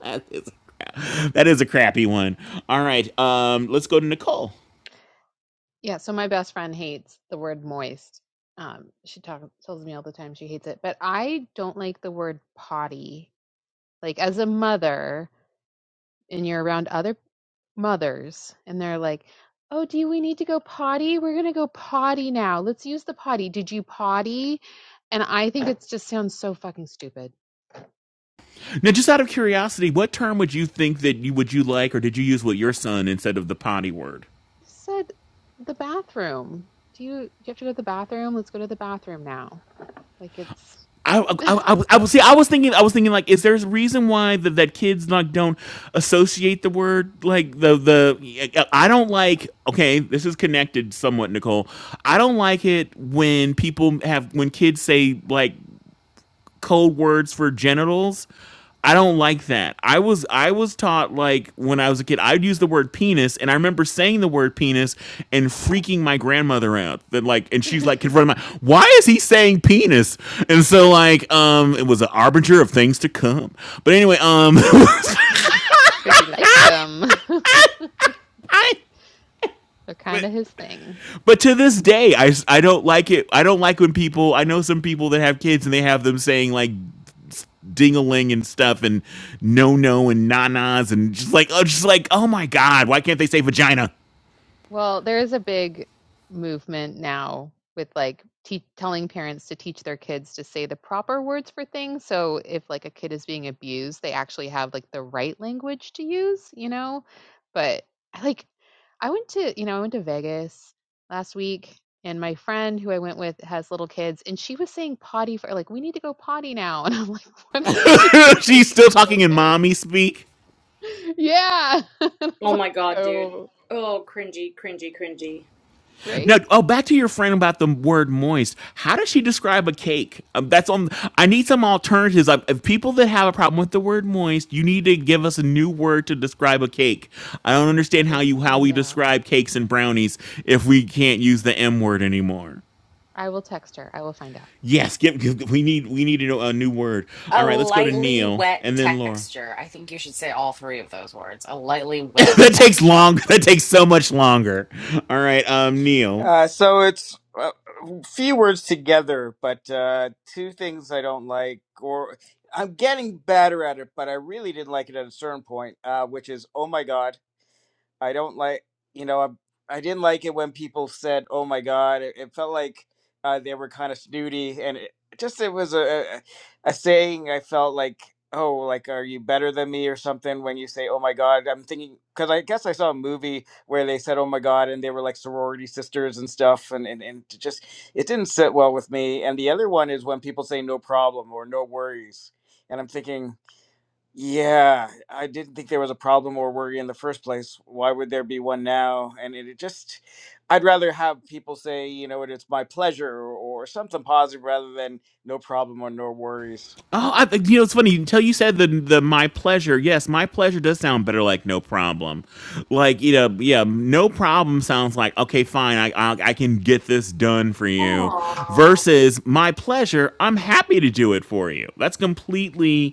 That is, that is a crappy one. All right, um, let's go to Nicole.
yeah, so my best friend hates the word moist. Um, she talk, tells me all the time she hates it, but I don't like the word potty. Like, as a mother, and you're around other mothers and they're like, "Oh, do we need to go potty? We're going to go potty now. Let's use the potty. Did you potty?" And I think it just sounds so fucking stupid. You
Now, just out of curiosity, what term would you think that you would you like, or did you use with your son instead of the potty word?
said the bathroom. Do you do you have to go to the bathroom? Let's go to the bathroom now. Like it's
I, I, I, I was see. I was thinking. I was thinking. Like, is there a reason why that that kids like don't associate the word like the the? I don't like. Okay, this is connected somewhat, Nicole. I don't like it when people have when kids say like code words for genitals. I don't like that. I was I was taught like when I was a kid, I'd use the word penis, and I remember saying the word penis and freaking my grandmother out. That like, and she's like
because
confronting my, why is he saying penis? And so like, um, it was an arbinger of things to come. But anyway, um,
he likes them. They're kind
but
of his thing.
but to this day, I I s- I don't like it. I don't like when people. I know some people that have kids and they have them saying like dingaling and stuff and no no and na na's and just like oh just like oh my god why can't they say vagina
Well, there is a big movement now with like te telling parents to teach their kids to say the proper words for things. So if like a kid is being abused, they actually have like the right language to use, you know? But I like I went to, you know, I went to Vegas last week and my friend who I went with has little kids and she was saying potty for like we need to go potty now and I'm like what
she's
like
still talking in
okay.
mommy speak
Yeah. And I'm
Oh my
like,
god, dude.
oh,
Oh, cringy, cringy, cringy.
now
right?
oh back to your friend about the word moist how does she describe a cake um, that's on i need some alternatives I, if people that have a problem with the word moist you need to give us a new word to describe a cake i don't
I
understand how
will
you how
find
we
out.
describe cakes and brownies if we can't use the m word anymore
I will text her. I will find out.
Yes, give, give- we need we need a, a new word. All
a
right, let's go to
lightly
Neil
wet
and then Laura.
texture. I think you should say all three of those words. A lightly wet
that takes
texture.
long. That takes so much longer. All right, um, Neil.
Uh, so it's uh, few words together, but uh, two things I don't like, or I'm getting better at it, but I really didn't like it at a certain point, uh, which is oh my god. I don't like, you know, I, I didn't like it when people said, "Oh my God," it, it felt like uh, they were kind of snooty, and it, just it was a, a a saying. I felt like, "Oh, like are you better than me?" or something when you say, "Oh my God." I'm thinking because I guess I saw a movie where they said, "Oh my God," and they were like sorority sisters and stuff, and and and it just it didn't sit well with me. And the other one is when people say, "No problem" or "No worries," and I'm thinking. Yeah, I didn't think there was a problem or worry in the first place. Why would there be one now? And it, it just, I'd rather have people say, you know, what, it's my pleasure or, or something positive rather than no problem or no worries.
Oh, I, you know it's funny until you said the the my pleasure. Yes, my pleasure does sound better like no problem. Like you know, yeah, no problem sounds like okay, fine. I I, I can get this done for you.
Aww.
Versus my pleasure, I'm happy to do it for you. That's completely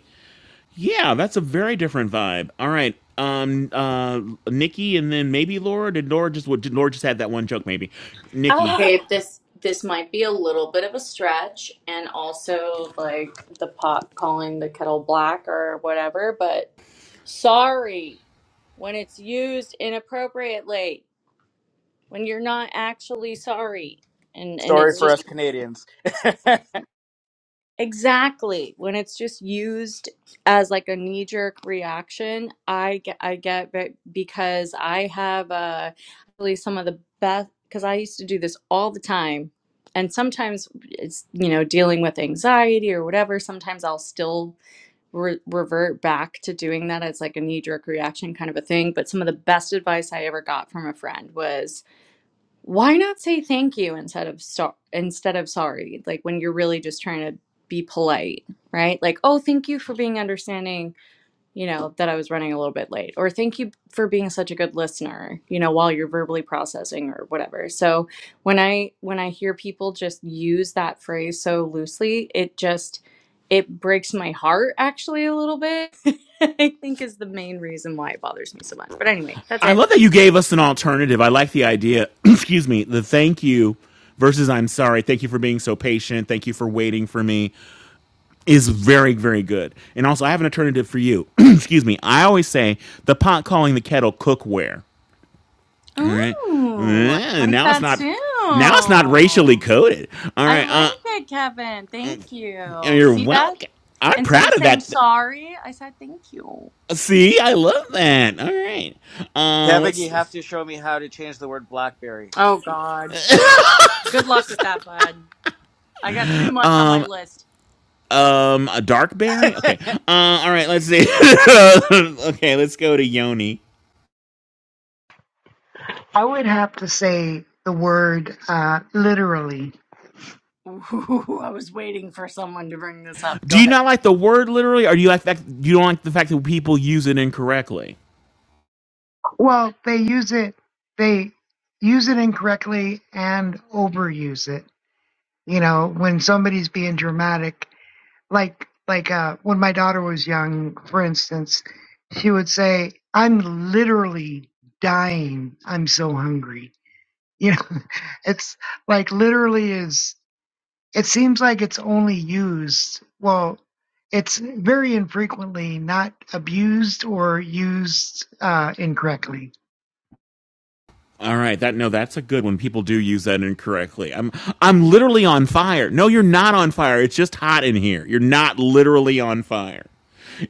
Yeah, that's a very different vibe. All right. Um uh Nikki and then maybe Laura. Did Laura just what did Laura just had that one joke maybe? Nikki.
Oh.
Okay, this this might be a little bit of a stretch, and also like the pot calling the kettle black or whatever. But sorry when it's used inappropriately, when you're not actually sorry, and and
Sorry
it's
for
just.
us Canadians.
Exactly. When it's just used as like a knee-jerk reaction, I get I get ve- because I have uh really some of the best because I used to do this all the time. And sometimes it's, you know, dealing with anxiety or whatever. Sometimes I'll still re revert back to doing that as like a knee-jerk reaction kind of a thing. But some of the best advice I ever got from a friend was why not say thank you instead of so- instead of sorry like when you're really just trying to be polite right like oh thank you for being understanding you know that i was running a little bit late or thank you for being such a good listener you know while you're verbally processing or whatever so when i when i hear people just use that phrase so loosely it just it breaks my heart actually a little bit i think is the main reason why it bothers me so much but anyway that's
I
it
love that you gave us an alternative. I like the idea. Excuse me. The thank you versus I'm sorry. Thank you for being so patient. Thank you for waiting for me is very very good. And also I have an alternative for you. Excuse me. I always say the pot calling the kettle cookware. All right.
Ooh, I
Mm,
like
Now it's
that
not
too.
now it's not racially coded. All
I
right.
like
Uh.
it, Kevin. Thank you.
You're
See that?
welcome. I'm
Instead of
proud of
saying
that.
sorry, I said thank you.
See, I love that. All right. Um,
Kevin,
let's
you have to show me how to change the word blackberry.
Oh, God. Good luck with that, bud. I got too much on my list.
um a dark berry. Okay. Uh, all right. Let's see. okay, let's go to Yoni.
I would have to say the word uh, literally.
Ooh, I was waiting for someone to bring this up.
Do
Go
you
ahead.
not like the word literally, or do you like that? You don't like the fact that people use it incorrectly?
Well, they use it, they use it incorrectly and overuse it. You know, when somebody's being dramatic, like like uh, when my daughter was young, for instance, she would say, "I'm literally dying. I'm so hungry." You know, it's like literally is. It seems like it's only used, well, it's very infrequently not abused or used uh, incorrectly.
All right, that no, that's a good one. People do use that incorrectly. I'm I'm literally on fire. No, you're not on fire. It's just hot in here. You're not literally on fire.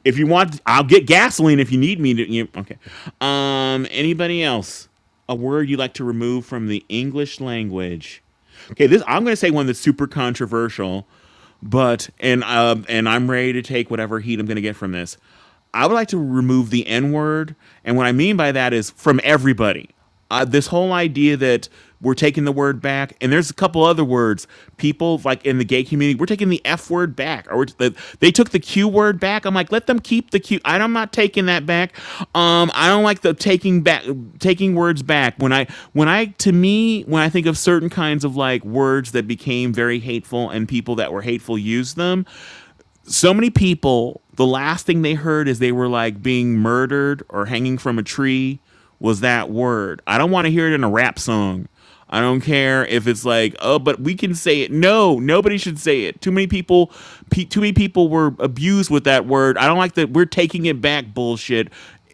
If you want, I'll get gasoline if you need me to. You, okay. Um. Anybody else? A word you like to remove from the English language? Okay. This I'm going to say one that's super controversial, but and uh, and I'm ready to take whatever heat I'm going to get from this. I would like to remove the N word. And what I mean by that is from everybody. Uh, this whole idea that we're taking the word back, and there's a couple other words. People like in the gay community, we're taking the F word back, or we're they took the Q word back. I'm like, let them keep the Q. I- I'm not taking that back. Um, I don't like the taking back, taking words back. When I, when I, to me, when I think of certain kinds of like words that became very hateful and people that were hateful used them, so many people the last thing they heard is they were like being murdered or hanging from a tree was that word i don't want to hear it in a rap song i don't care if it's like oh but we can say it no nobody should say it too many people pe- too many people were abused with that word i don't like that we're taking it back bullshit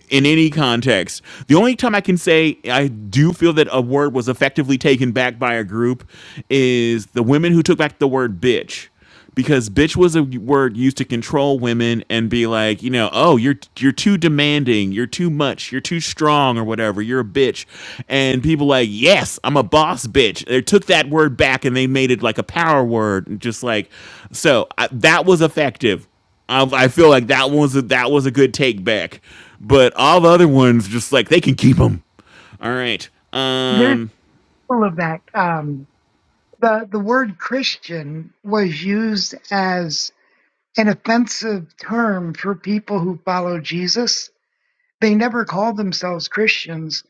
in any context. The only time I can say I do feel that a word was effectively taken back by a group is the women who took back the word bitch because bitch was a word used to control women and be like, you know, oh, you're you're too demanding, you're too much, you're too strong or whatever, you're a bitch. And people like, yes, I'm a boss bitch. They took that word back and they made it like a power word and just like so I, that was effective. I, I feel like that was a, that was a good take back. But all the other ones just like they can keep them. All right.
There's
Um
full of that. Um, the the word Christian was used as an offensive term for people who follow Jesus. They never called themselves Christians,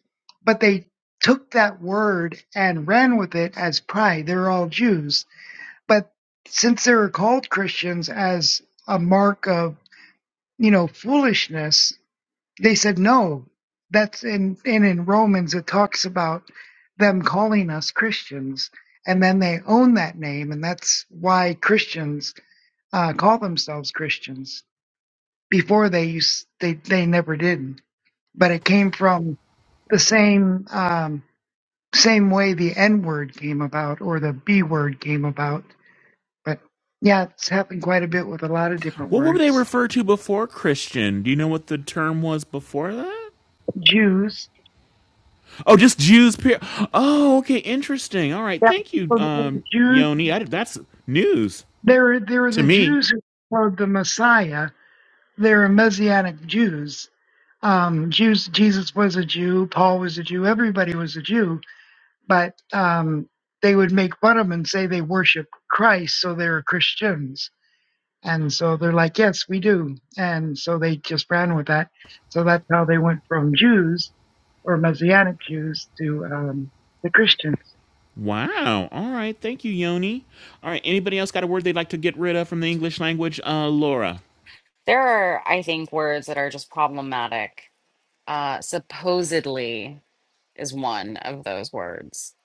but they took that word and ran with it as pride. They're all Jews But since they were called Christians as a mark of, you know, foolishness, they said no. That's in and in Romans it talks about them calling us Christians, and then they own that name, and that's why Christians uh, call themselves Christians. Before they used they they never did, but it came from the same um, same way the N word came about or the B word came about But yeah, it's happened quite a bit with a lot of different
what were they
words.
referred to before Christian? Do you know what the term was before that?
Jews.
Oh, just Jews. Per- oh, okay, interesting. All right,
Yeah.
thank you,
Well, they were
um,
Jews.
Yoni. I, that's news
They were, they were
to
the
me.
Jews who followed the Messiah. They were Messianic Jews. Um, Jews. Jesus was a Jew. Paul was a Jew. Everybody was a Jew. But um, they would make fun of them and say they worship Christ, so they were Christians. And so they're like, yes, we do. And so they just ran with that. So that's how they went from Jews or Messianic Jews to um, the Christians.
Wow. All right, thank you, Yoni. All right, anybody else got a word they'd like to get rid of from the English language? Uh, Laura.
There are, I think, words that are just problematic. Uh, supposedly. is one of those words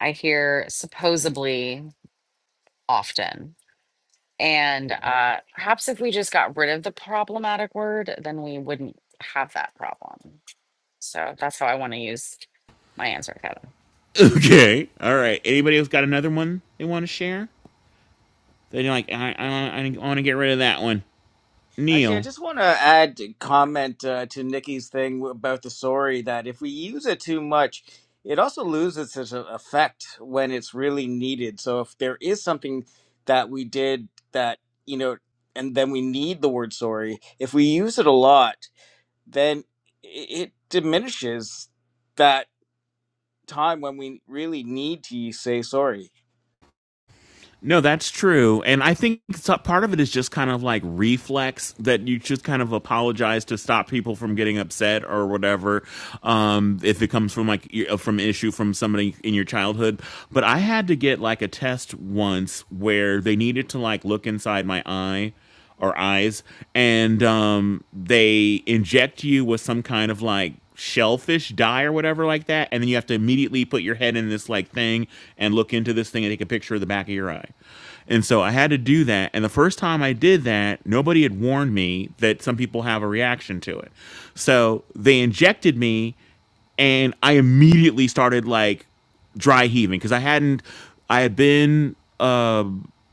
I hear supposedly often. And uh, perhaps if we just got rid of the problematic word, then we wouldn't have that problem. So that's how I want to use my answer, Kevin.
Okay. All right. Anybody else got another one they want to share? They like I I, I want to get rid of that one.
Actually, I
Neil.
just want to add a comment uh, to Nikki's thing about the sorry that if we use it too much, it also loses its uh, effect when it's really needed. So if there is something that we did that, you know, and then we need the word sorry, if we use it a lot, then i- it diminishes that time when we really need to say sorry.
No, that's true. And I think so- part of it is just kind of like reflex that you just kind of apologize to stop people from getting upset or whatever. Um, if it comes from like from an issue from somebody in your childhood. But I had to get like a test once where they needed to like look inside my eye or eyes, and um, they inject you with some kind of like shellfish dye or whatever like that, and then you have to immediately put your head in this like thing and look into this thing and take a picture of the back of your eye. And so I had to do that. And the first time I did that, nobody had warned me that some people have a reaction to it. So they injected me and I immediately started like dry heaving because I hadn't I had been uh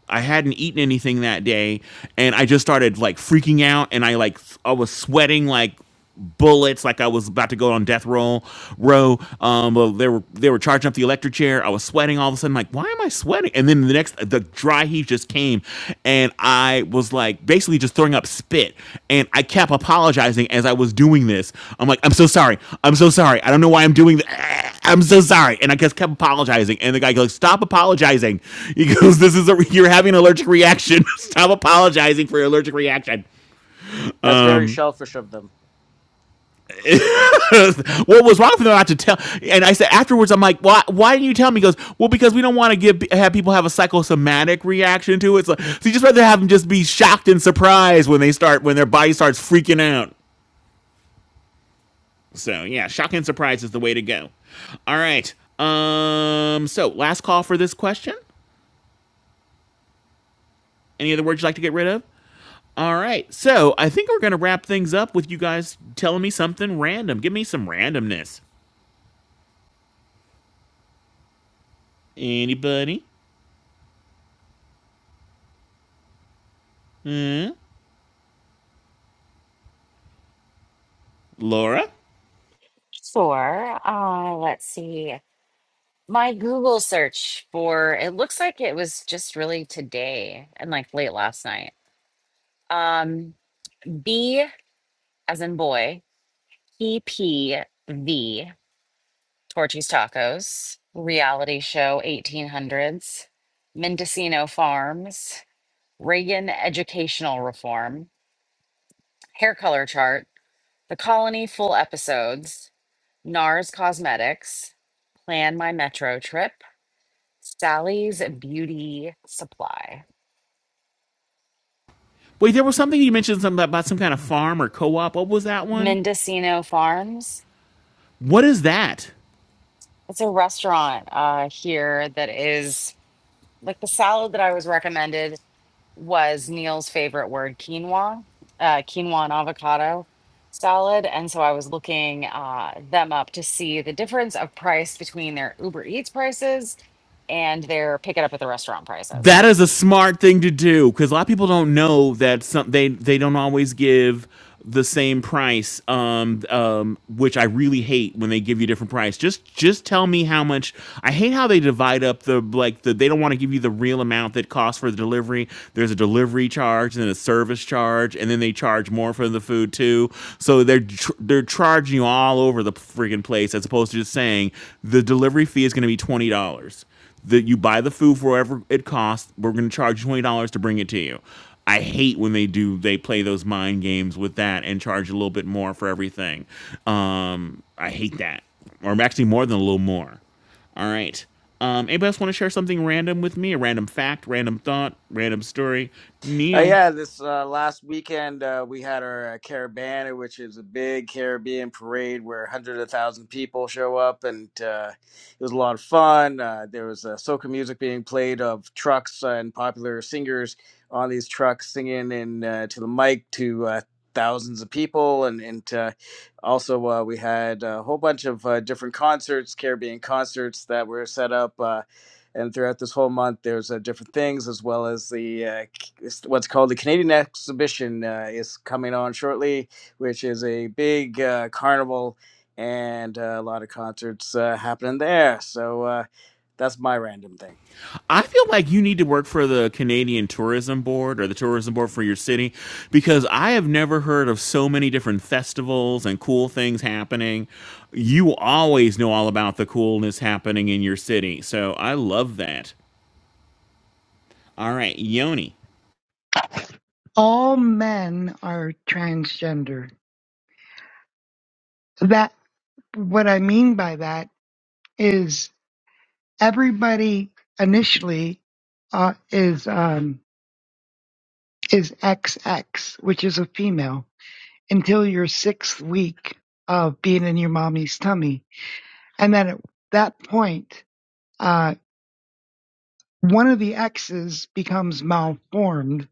I hadn't eaten anything that day and I just started like freaking out and I like s- I was sweating like bullets like I was about to go on death roll row um well, they were they were charging up the electric chair I was sweating all of a sudden like why am I sweating funny. And then the next, the dry heave just came, and I was like basically just throwing up spit. And I kept apologizing as I was doing this. I'm like, I'm so sorry. I'm so sorry. I don't know why I'm doing this. I'm so sorry. And I just kept apologizing. And the guy goes, Stop apologizing. He goes, This is a, you're having an allergic reaction. Stop apologizing for your allergic reaction.
That's very selfish of them.
what was wrong for them not to tell? And I said afterwards, I'm like, why? Why didn't you tell me? He goes, well, because we don't want to give have people have a psychosomatic reaction to it. So, so you just rather have them just be shocked and surprised when they start when their body starts freaking out. So yeah, shock and surprise is the way to go. All right. Um. So last call for this question. Any other words you'd like to get rid of? All right. So I think we're gonna wrap things up with you guys telling me something random. Give me some randomness. Anybody? Hmm? Laura?
Sure. Uh, let's see. My Google search for it looks like it was just really today and like late last night. Um, B as in boy, E P V Torchy's Tacos, Reality Show 1800s, Mendocino Farms, Reagan Educational Reform, Hair Color Chart, The Colony Full Episodes, NARS Cosmetics, Plan My Metro Trip, Sally's Beauty Supply,
Wait, there was something you mentioned something about some kind of farm or co-op. What was that one?
Mendocino Farms.
What is that?
It's a restaurant uh, here that is like the salad that I was recommended was Neil's favorite word, quinoa, uh, quinoa and avocado salad. And so I was looking uh, them up to see the difference of price between their Uber Eats prices and their pick it up at the restaurant prices.
That is a smart thing to do because a lot of people don't know that some they they don't always give the same price, um, um, which I really hate when they give you different price. Just just tell me how much. I hate how they divide up the like the they don't want to give you the real amount that costs for the delivery. There's a delivery charge and then a service charge, and then they charge more for the food too. So they're tr- they're charging you all over the friggin' place as opposed to just saying the delivery fee is going to be twenty dollars that you buy the food for whatever it costs. We're going to charge twenty dollars to bring it to you. I hate when they do they play those mind games with that and charge a little bit more for everything. Um, I hate that, or actually more than a little more. All right. Um, anybody else want to share something random with me? A random fact, random thought, random story?
Uh,
Neil.
yeah, this uh, last weekend uh, we had our uh, Carabana, which is a big Caribbean parade where hundreds of thousand people show up, and uh, it was a lot of fun. Uh, there was uh, soca music being played of trucks uh, and popular singers on these trucks singing in uh, to the mic to uh, thousands of people, and and uh, also uh, we had a whole bunch of uh, different concerts, Caribbean concerts that were set up. Uh, and throughout this whole month there's uh, different things as well as the uh, it's what's called the Canadian Exhibition uh, is coming on shortly, which is a big uh, carnival and uh, a lot of concerts uh, happening there. So uh, that's my random thing.
I feel like you need to work for the Canadian Tourism Board or the Tourism Board for your city because I have never heard of so many different festivals and cool things happening. You always know all about the coolness happening in your city. So I love that. All right, Yoni.
All men are transgender. That, what I mean by that is everybody initially uh, is, um, is XX, which is a female until your sixth week of being in your mommy's tummy. And then at that point, uh, one of the X's becomes malformed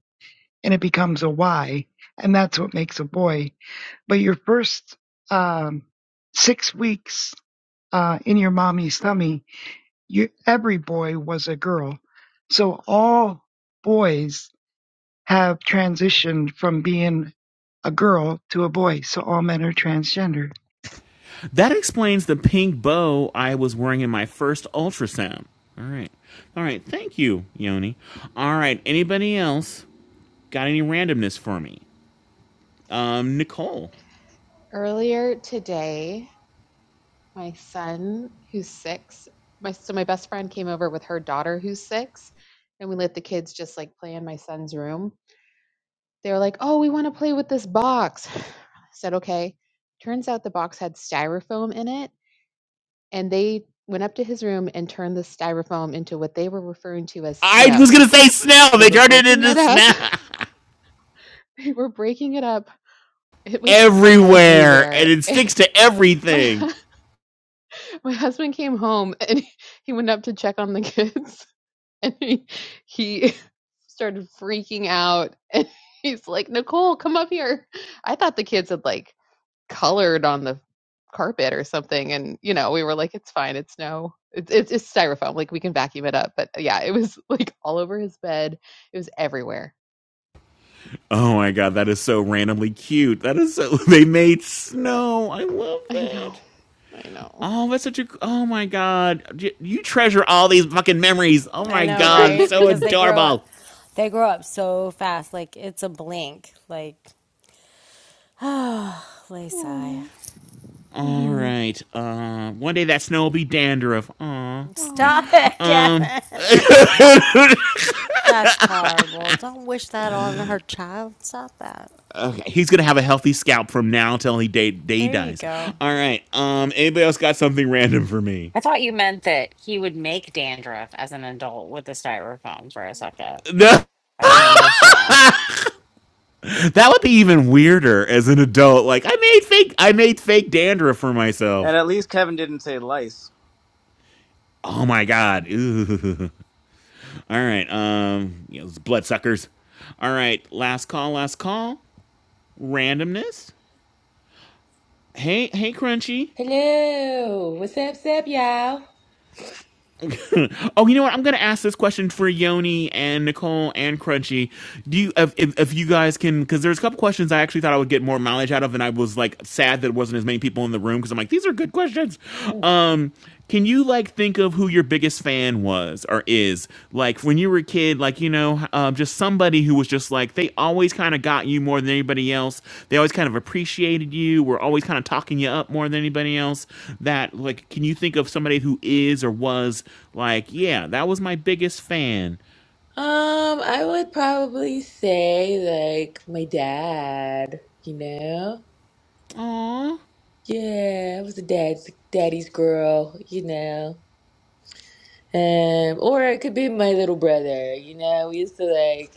and it becomes a Y, and that's what makes a boy. But your first um, six weeks uh, in your mommy's tummy, you, every boy was a girl. So all boys have transitioned from being a girl to a boy. So all men are transgender.
That explains the pink bow I was wearing in my first ultrasound. All right. All right. Thank you, Yoni. All right. Anybody else got any randomness for me? Um, Nicole.
Earlier today, my son, who's six, my so my best friend came over with her daughter, who's six, and we let the kids just like play in my son's room. They were like, "Oh, we want to play with this box." I said, "Okay." Turns out the box had styrofoam in it, and they went up to his room and turned the styrofoam into what they were referring to as
I was gonna
snow.
say snow.
So they
They
were
turned it
breaking
into
it up.
snow
they were breaking it up. It was
everywhere,
everywhere.
and it sticks to
My
everything.
My husband came home and he, went up to check on the kids and he he started freaking out and he's like, "Nicole, come up here." I thought the kids had like colored on the carpet or something and you know, we were like, "It's fine, it's snow. It's it's, it's styrofoam, like we can vacuum it up." But uh, yeah, it was like all over his bed. It was everywhere.
Oh my god, that is so randomly cute. That is so. They made snow. I love
I know.
that.
I know.
Oh, that's such a. Oh my god, you treasure all these fucking memories. Oh
I
my
know,
god, it's
right?
so
Because they grow up.
adorable.
They grow up so fast. Like it's a blink. Like oh, Lacey.
All
mm-hmm.
right. Uh, one day that snow will be dandruff. Aw. Okay.
Aw.
Stop it,
Um.
Kevin. That's, that's horrible. Don't wish that on her child. Stop that.
Okay, he's gonna have a healthy scalp from now till he day, day
There you
dies.
go.
All right. Um, anybody else got something random for me?
I thought you meant that he would make dandruff as an adult with the styrofoam for a second.
No.
I didn't understand.
that would be even weirder as an adult. Like I made fake, I made fake dandruff for
And
myself.
at least Kevin didn't say lice.
Oh my god. Ooh. All right. Um, you know, those bloodsuckers. All right. Last call. Last call. Randomness. Hey, hey, Crunchy.
Hello, what's up, what's up, y'all?
oh, you know what? I'm gonna ask this question for Yoni and Nicole and Crunchy. Do you if if, if you guys can? Because there's a couple questions I actually thought I would get more mileage out of, and I was like sad that it wasn't as many people in the room because I'm like these are good questions. Um, can you like think of who your biggest fan was or is? is like when you were a kid like you know um, just somebody who was just like they always kind of got you more than anybody else they always kind of appreciated you were always kind of talking you up more than anybody else that like can you think of somebody who is or was like yeah that was my biggest fan
Um, I would probably say like my dad, you know?
Aww.
Yeah, I was a dad's daddy's girl, you know. Um, or it could be my little brother, you know. We used to like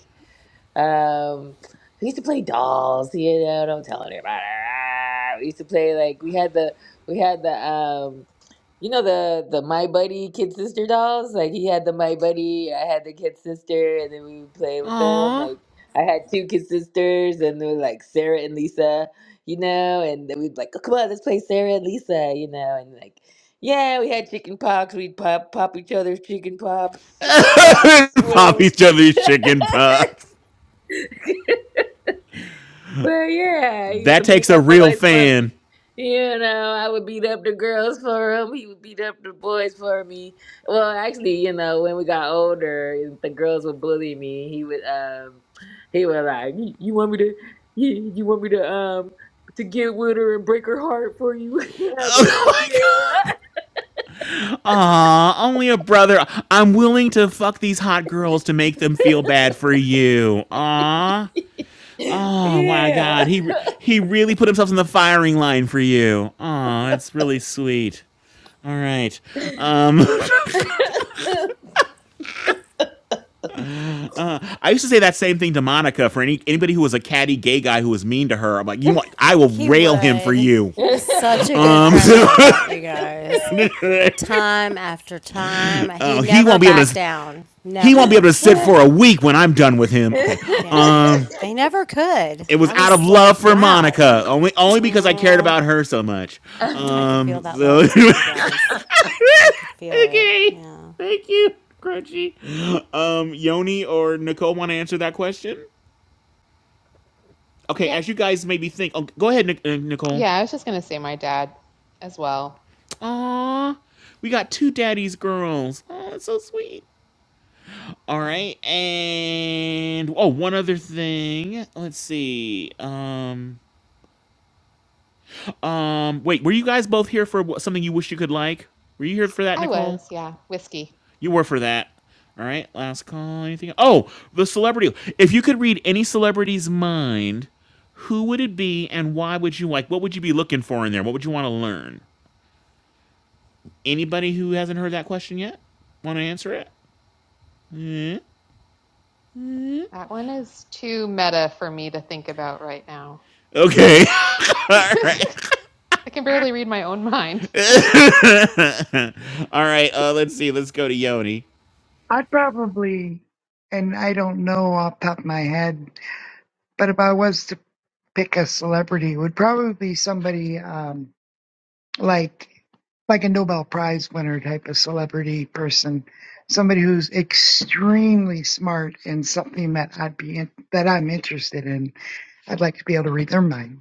um we used to play dolls, you know, don't tell anybody. We used to play like we had the we had the um You know the the My Buddy Kid Sister dolls? Like he had the My Buddy, I had the Kid Sister, and then we would play with them.
Aww.
Like I had two Kid Sisters, and they were like Sarah and Lisa, you know, and then we'd be like, oh, come on, let's play Sarah and Lisa, you know, and like, yeah, we had chicken pox. We'd pop pop each other's chicken pops, pox, whatever.
Poppy's jelly chicken pucks.
But yeah, he used to
That takes
beat
a
up
real
boys for me.
fan.
You know, I would beat up the girls for him. He would beat up the boys for me. Well, actually, you know, when we got older, and the girls would bully me. He would, um, he would like, "You you want me to, you, you want me to, um, to get with her and break her heart for you?" I'd be
Oh
like,
my god. Aw, only a brother. I'm willing to fuck these hot girls to make them feel bad for you. Aw.
"Yeah,
Oh my God, he he really put himself in the firing line for you. Aw, that's really sweet. All right, I used to say that same thing to Monica for any anybody who was a catty gay guy who was mean to her. I'm like, you know what? I will
He
rail him for
would.
you.
He
Okay.
was such a good
Um,
friend
so,
like that, you
yeah."
guys. Time after time. He
oh, he
never
won't be able
backed
to.
down.
He won't be able to
Never.
sit for a week when I'm done with him. Okay.
Yeah.
Um.
They never could.
it was
I
out of
was
love
like,
for
wow.
Monica, only only because I cared
Mm,
about her so much.
I could feel
Um,
that love
so
too, you
I
guys. I could feel it.
okay,
Yeah.
you crunchy. Um, Yoni or Nicole want to answer that question? Okay,
Yeah.
as you guys maybe think. Oh, go ahead, Nic- uh, Nicole.
Yeah, I was just going to say my dad as well.
Aw, we got two daddies girls. Oh, that's so sweet. All
Yeah,
right, and oh, one other thing. Let's see. Um, um, wait, were you guys both here for something you wish you could like? Were you here for that,
I
Nicole?
was. Yeah, whiskey.
You were for that. All right, last call. Anything? Oh, the celebrity. If you could read any celebrity's mind, who would it be, and why would you like? What would you be looking for in there? What would you want to learn? Anybody who hasn't heard that question yet want to answer it? Yeah.
That one is too meta for me to think about right now.
Okay. All right.
I can barely read my own mind.
All right. Uh, let's see. Let's go to Yoni.
I'd probably, and I don't know off the top of my head, but if I was to pick a celebrity would probably be somebody um, like like a Nobel Prize winner type of celebrity person, somebody who's extremely smart in something that I'd be in, that I'm interested in. I'd like to be able to read their mind.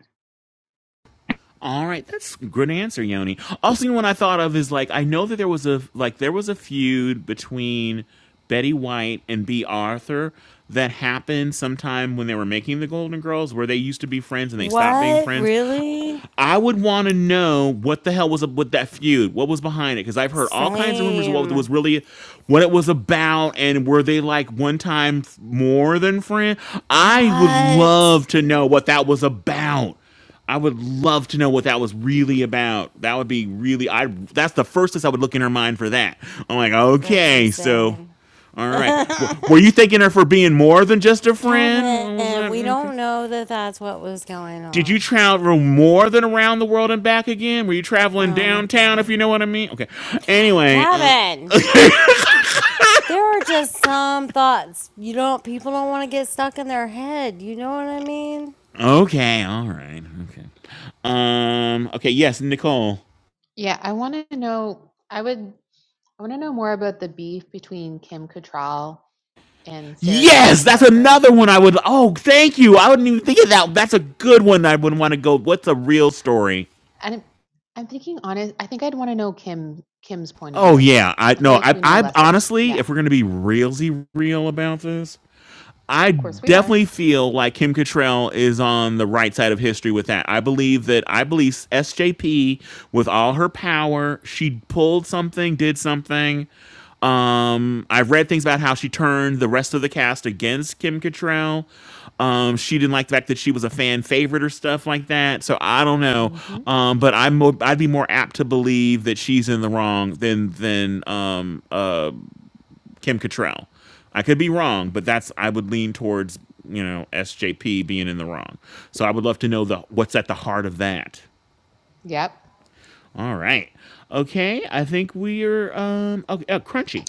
All right, that's a good answer, Yoni. Also, you know what I thought of is like I know that there was a like there was a feud between Betty White and B. Arthur that happened sometime when they were making the Golden Girls, where they used to be friends and they stopped being
What?
friends.
Really?
I would want to know what the hell was up with that feud. What was behind it? Because I've heard all kinds of rumors of what it
Same.
was really, what it was about, and were they like one time f- more than friend? I would
What?
love to know what that was about. I would love to know what that was really about. That would be really. I. That's the first place I would look in her mind for that. I'm like,
That's
okay, so,
insane.
all right. W- were you thanking her for being more than just a friend?
Kevin,
What was
we
it?
don't know that that's what was going
Did you
on.
travel more than around the world and back again? Were you traveling
Oh my
downtown, if
God.
you know what I mean? Okay. Anyway, uh,
Kevin, there are just some thoughts you don't, people don't want to get stuck in their head. You know what I mean?
okay, all right, okay. Um, okay, yes, Nicole.
Yeah, I want to know. I would. I want to know more about the beef between Kim Cattrall and Sarah
Yes,
Jessica
that's
Parker.
another one I would. Oh, thank you. I wouldn't even think of that. That's a good one. I wouldn't want to go. What's a real story?
And I'm, I'm thinking honest, I think I'd want to know Kim Kim's point of
Oh
view.
yeah, I
I feel
no.
like
I,
we know
I
less about.
honestly,
Yeah,
if we're gonna be realsy real about this, I
of course we are.
definitely feel like Kim Cattrall is on the right side of history with that. I believe that I believe SJP with all her power, she pulled something, did something. Um, I've read things about how she turned the rest of the cast against Kim Cattrall. Um, she didn't like the fact that she was a fan favorite or stuff like that. So I don't know.
hmm
Um, but I'm mo- I'd be more apt to believe that she's in the wrong than than um, uh, Kim Cattrall. I could be wrong, but that's I would lean towards you know SJP being in the wrong. So I would love to know the what's at the heart of that.
Yep.
All right, okay. I think we're um okay, uh, crunchy.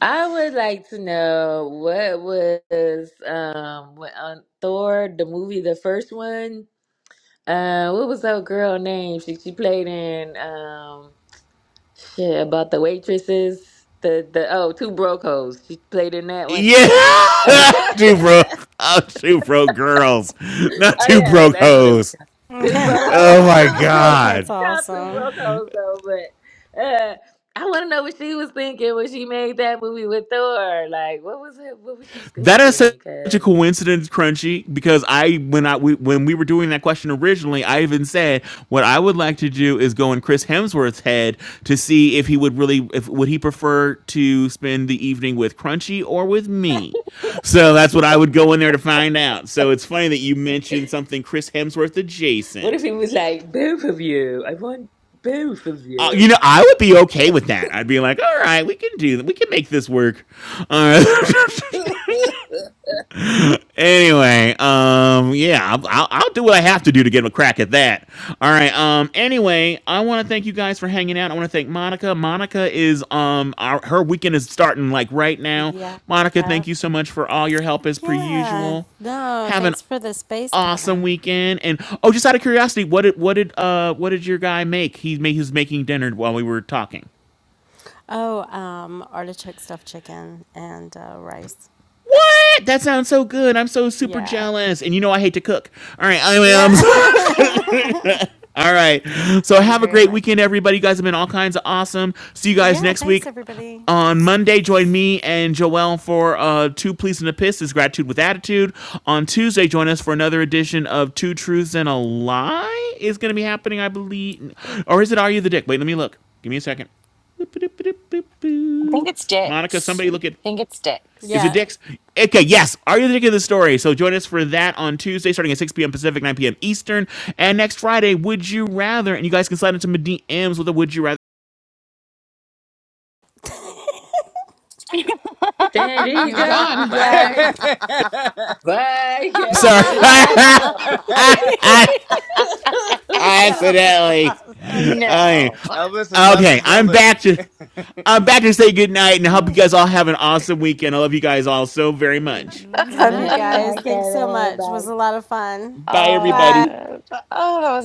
I would like to know what was um when, on Thor the movie the first one. Uh, what was that girl name? She she played in um shit about the waitresses. The the oh two broke hoes. She played in that one.
Yeah,
oh
two broke, oh, two broke girls, not two
yeah,
broke
that's what it was.
hoes.
Two broke hoes.
Oh my
it's in
god.
That's
the top two
awesome.
broke hoes though. But uh, I want to know what she was thinking when she made that movie with Thor. Like, what was it? What was she
That is such a
thinking?
coincidence, Crunchy, because I when I we, when we were doing that question originally, I even said what I would like to do is go in Chris Hemsworth's head to see if he would really if would he prefer to spend the evening with Crunchy or with me. So that's what I would go in there to find out. So it's funny that you mentioned something Chris Hemsworth
What if
adjacent.
it was like both of you? I want both of
Uh,
you.
you know, I would be okay with that. I'd be like, all right, we can do that. We can make this work. Uh, Anyway, um, yeah, I'll, I'll, do what I have to do to get a crack at that. All right. Um. Anyway, I want to thank you guys for hanging out. I want to thank Monica. Monica is um, our, her weekend is starting like right now.
Yep,
Monica, thank
yep.
you so much for all your help as per
Yeah.
usual.
No,
Have an
thanks for the space,
awesome
Kevin.
weekend. And oh, just out of curiosity, what did what did uh what did your guy make? He made he was making dinner while we were talking.
Oh, um, artichoke stuffed chicken and uh, rice.
What? That sounds so good. I'm so super
Yeah.
jealous. And you know I hate to cook. All right, I
Yeah.
am.
I
All right. So
am
have a
very
great weekend,
lucky.
everybody. You guys have been all kinds of awesome. See you guys
Yeah,
next
thanks
week.
everybody.
On Monday, join me and Joelle for uh, Two Pleas and a Piss is Gratitude with Attitude. On Tuesday, join us for another edition of Two Truths and a Lie is going to be happening, I believe. Or is it Are You the Dick? Wait, let me look. Give me a second.
I think it's
Monica,
dicks.
somebody look at
I think it's
is it
dicks.
Yeah.
Dick's? Okay, yes. Are you the dick of the story? So join us for that on Tuesday, starting at 6 p.m. Pacific, 9 p.m. Eastern. And next Friday, Would You Rather? And you guys can slide into my DMs with a Would You Rather.
San
He's
Diego,
gone.
Yep.
bye, bye,
I'm sorry.
Kevin.
I, I, I accidentally. I,
no.
Elvis has left the
okay, I'm back
building.
to. I'm back to say goodnight and I hope you guys all have an awesome weekend. I love you guys all so very much.
Good
Love you
night.
guys.
bye,
Thanks so
Kevin.
much. It
Bye,
Was a lot of fun.
Bye,
Bye.
everybody.
Uh, oh, that was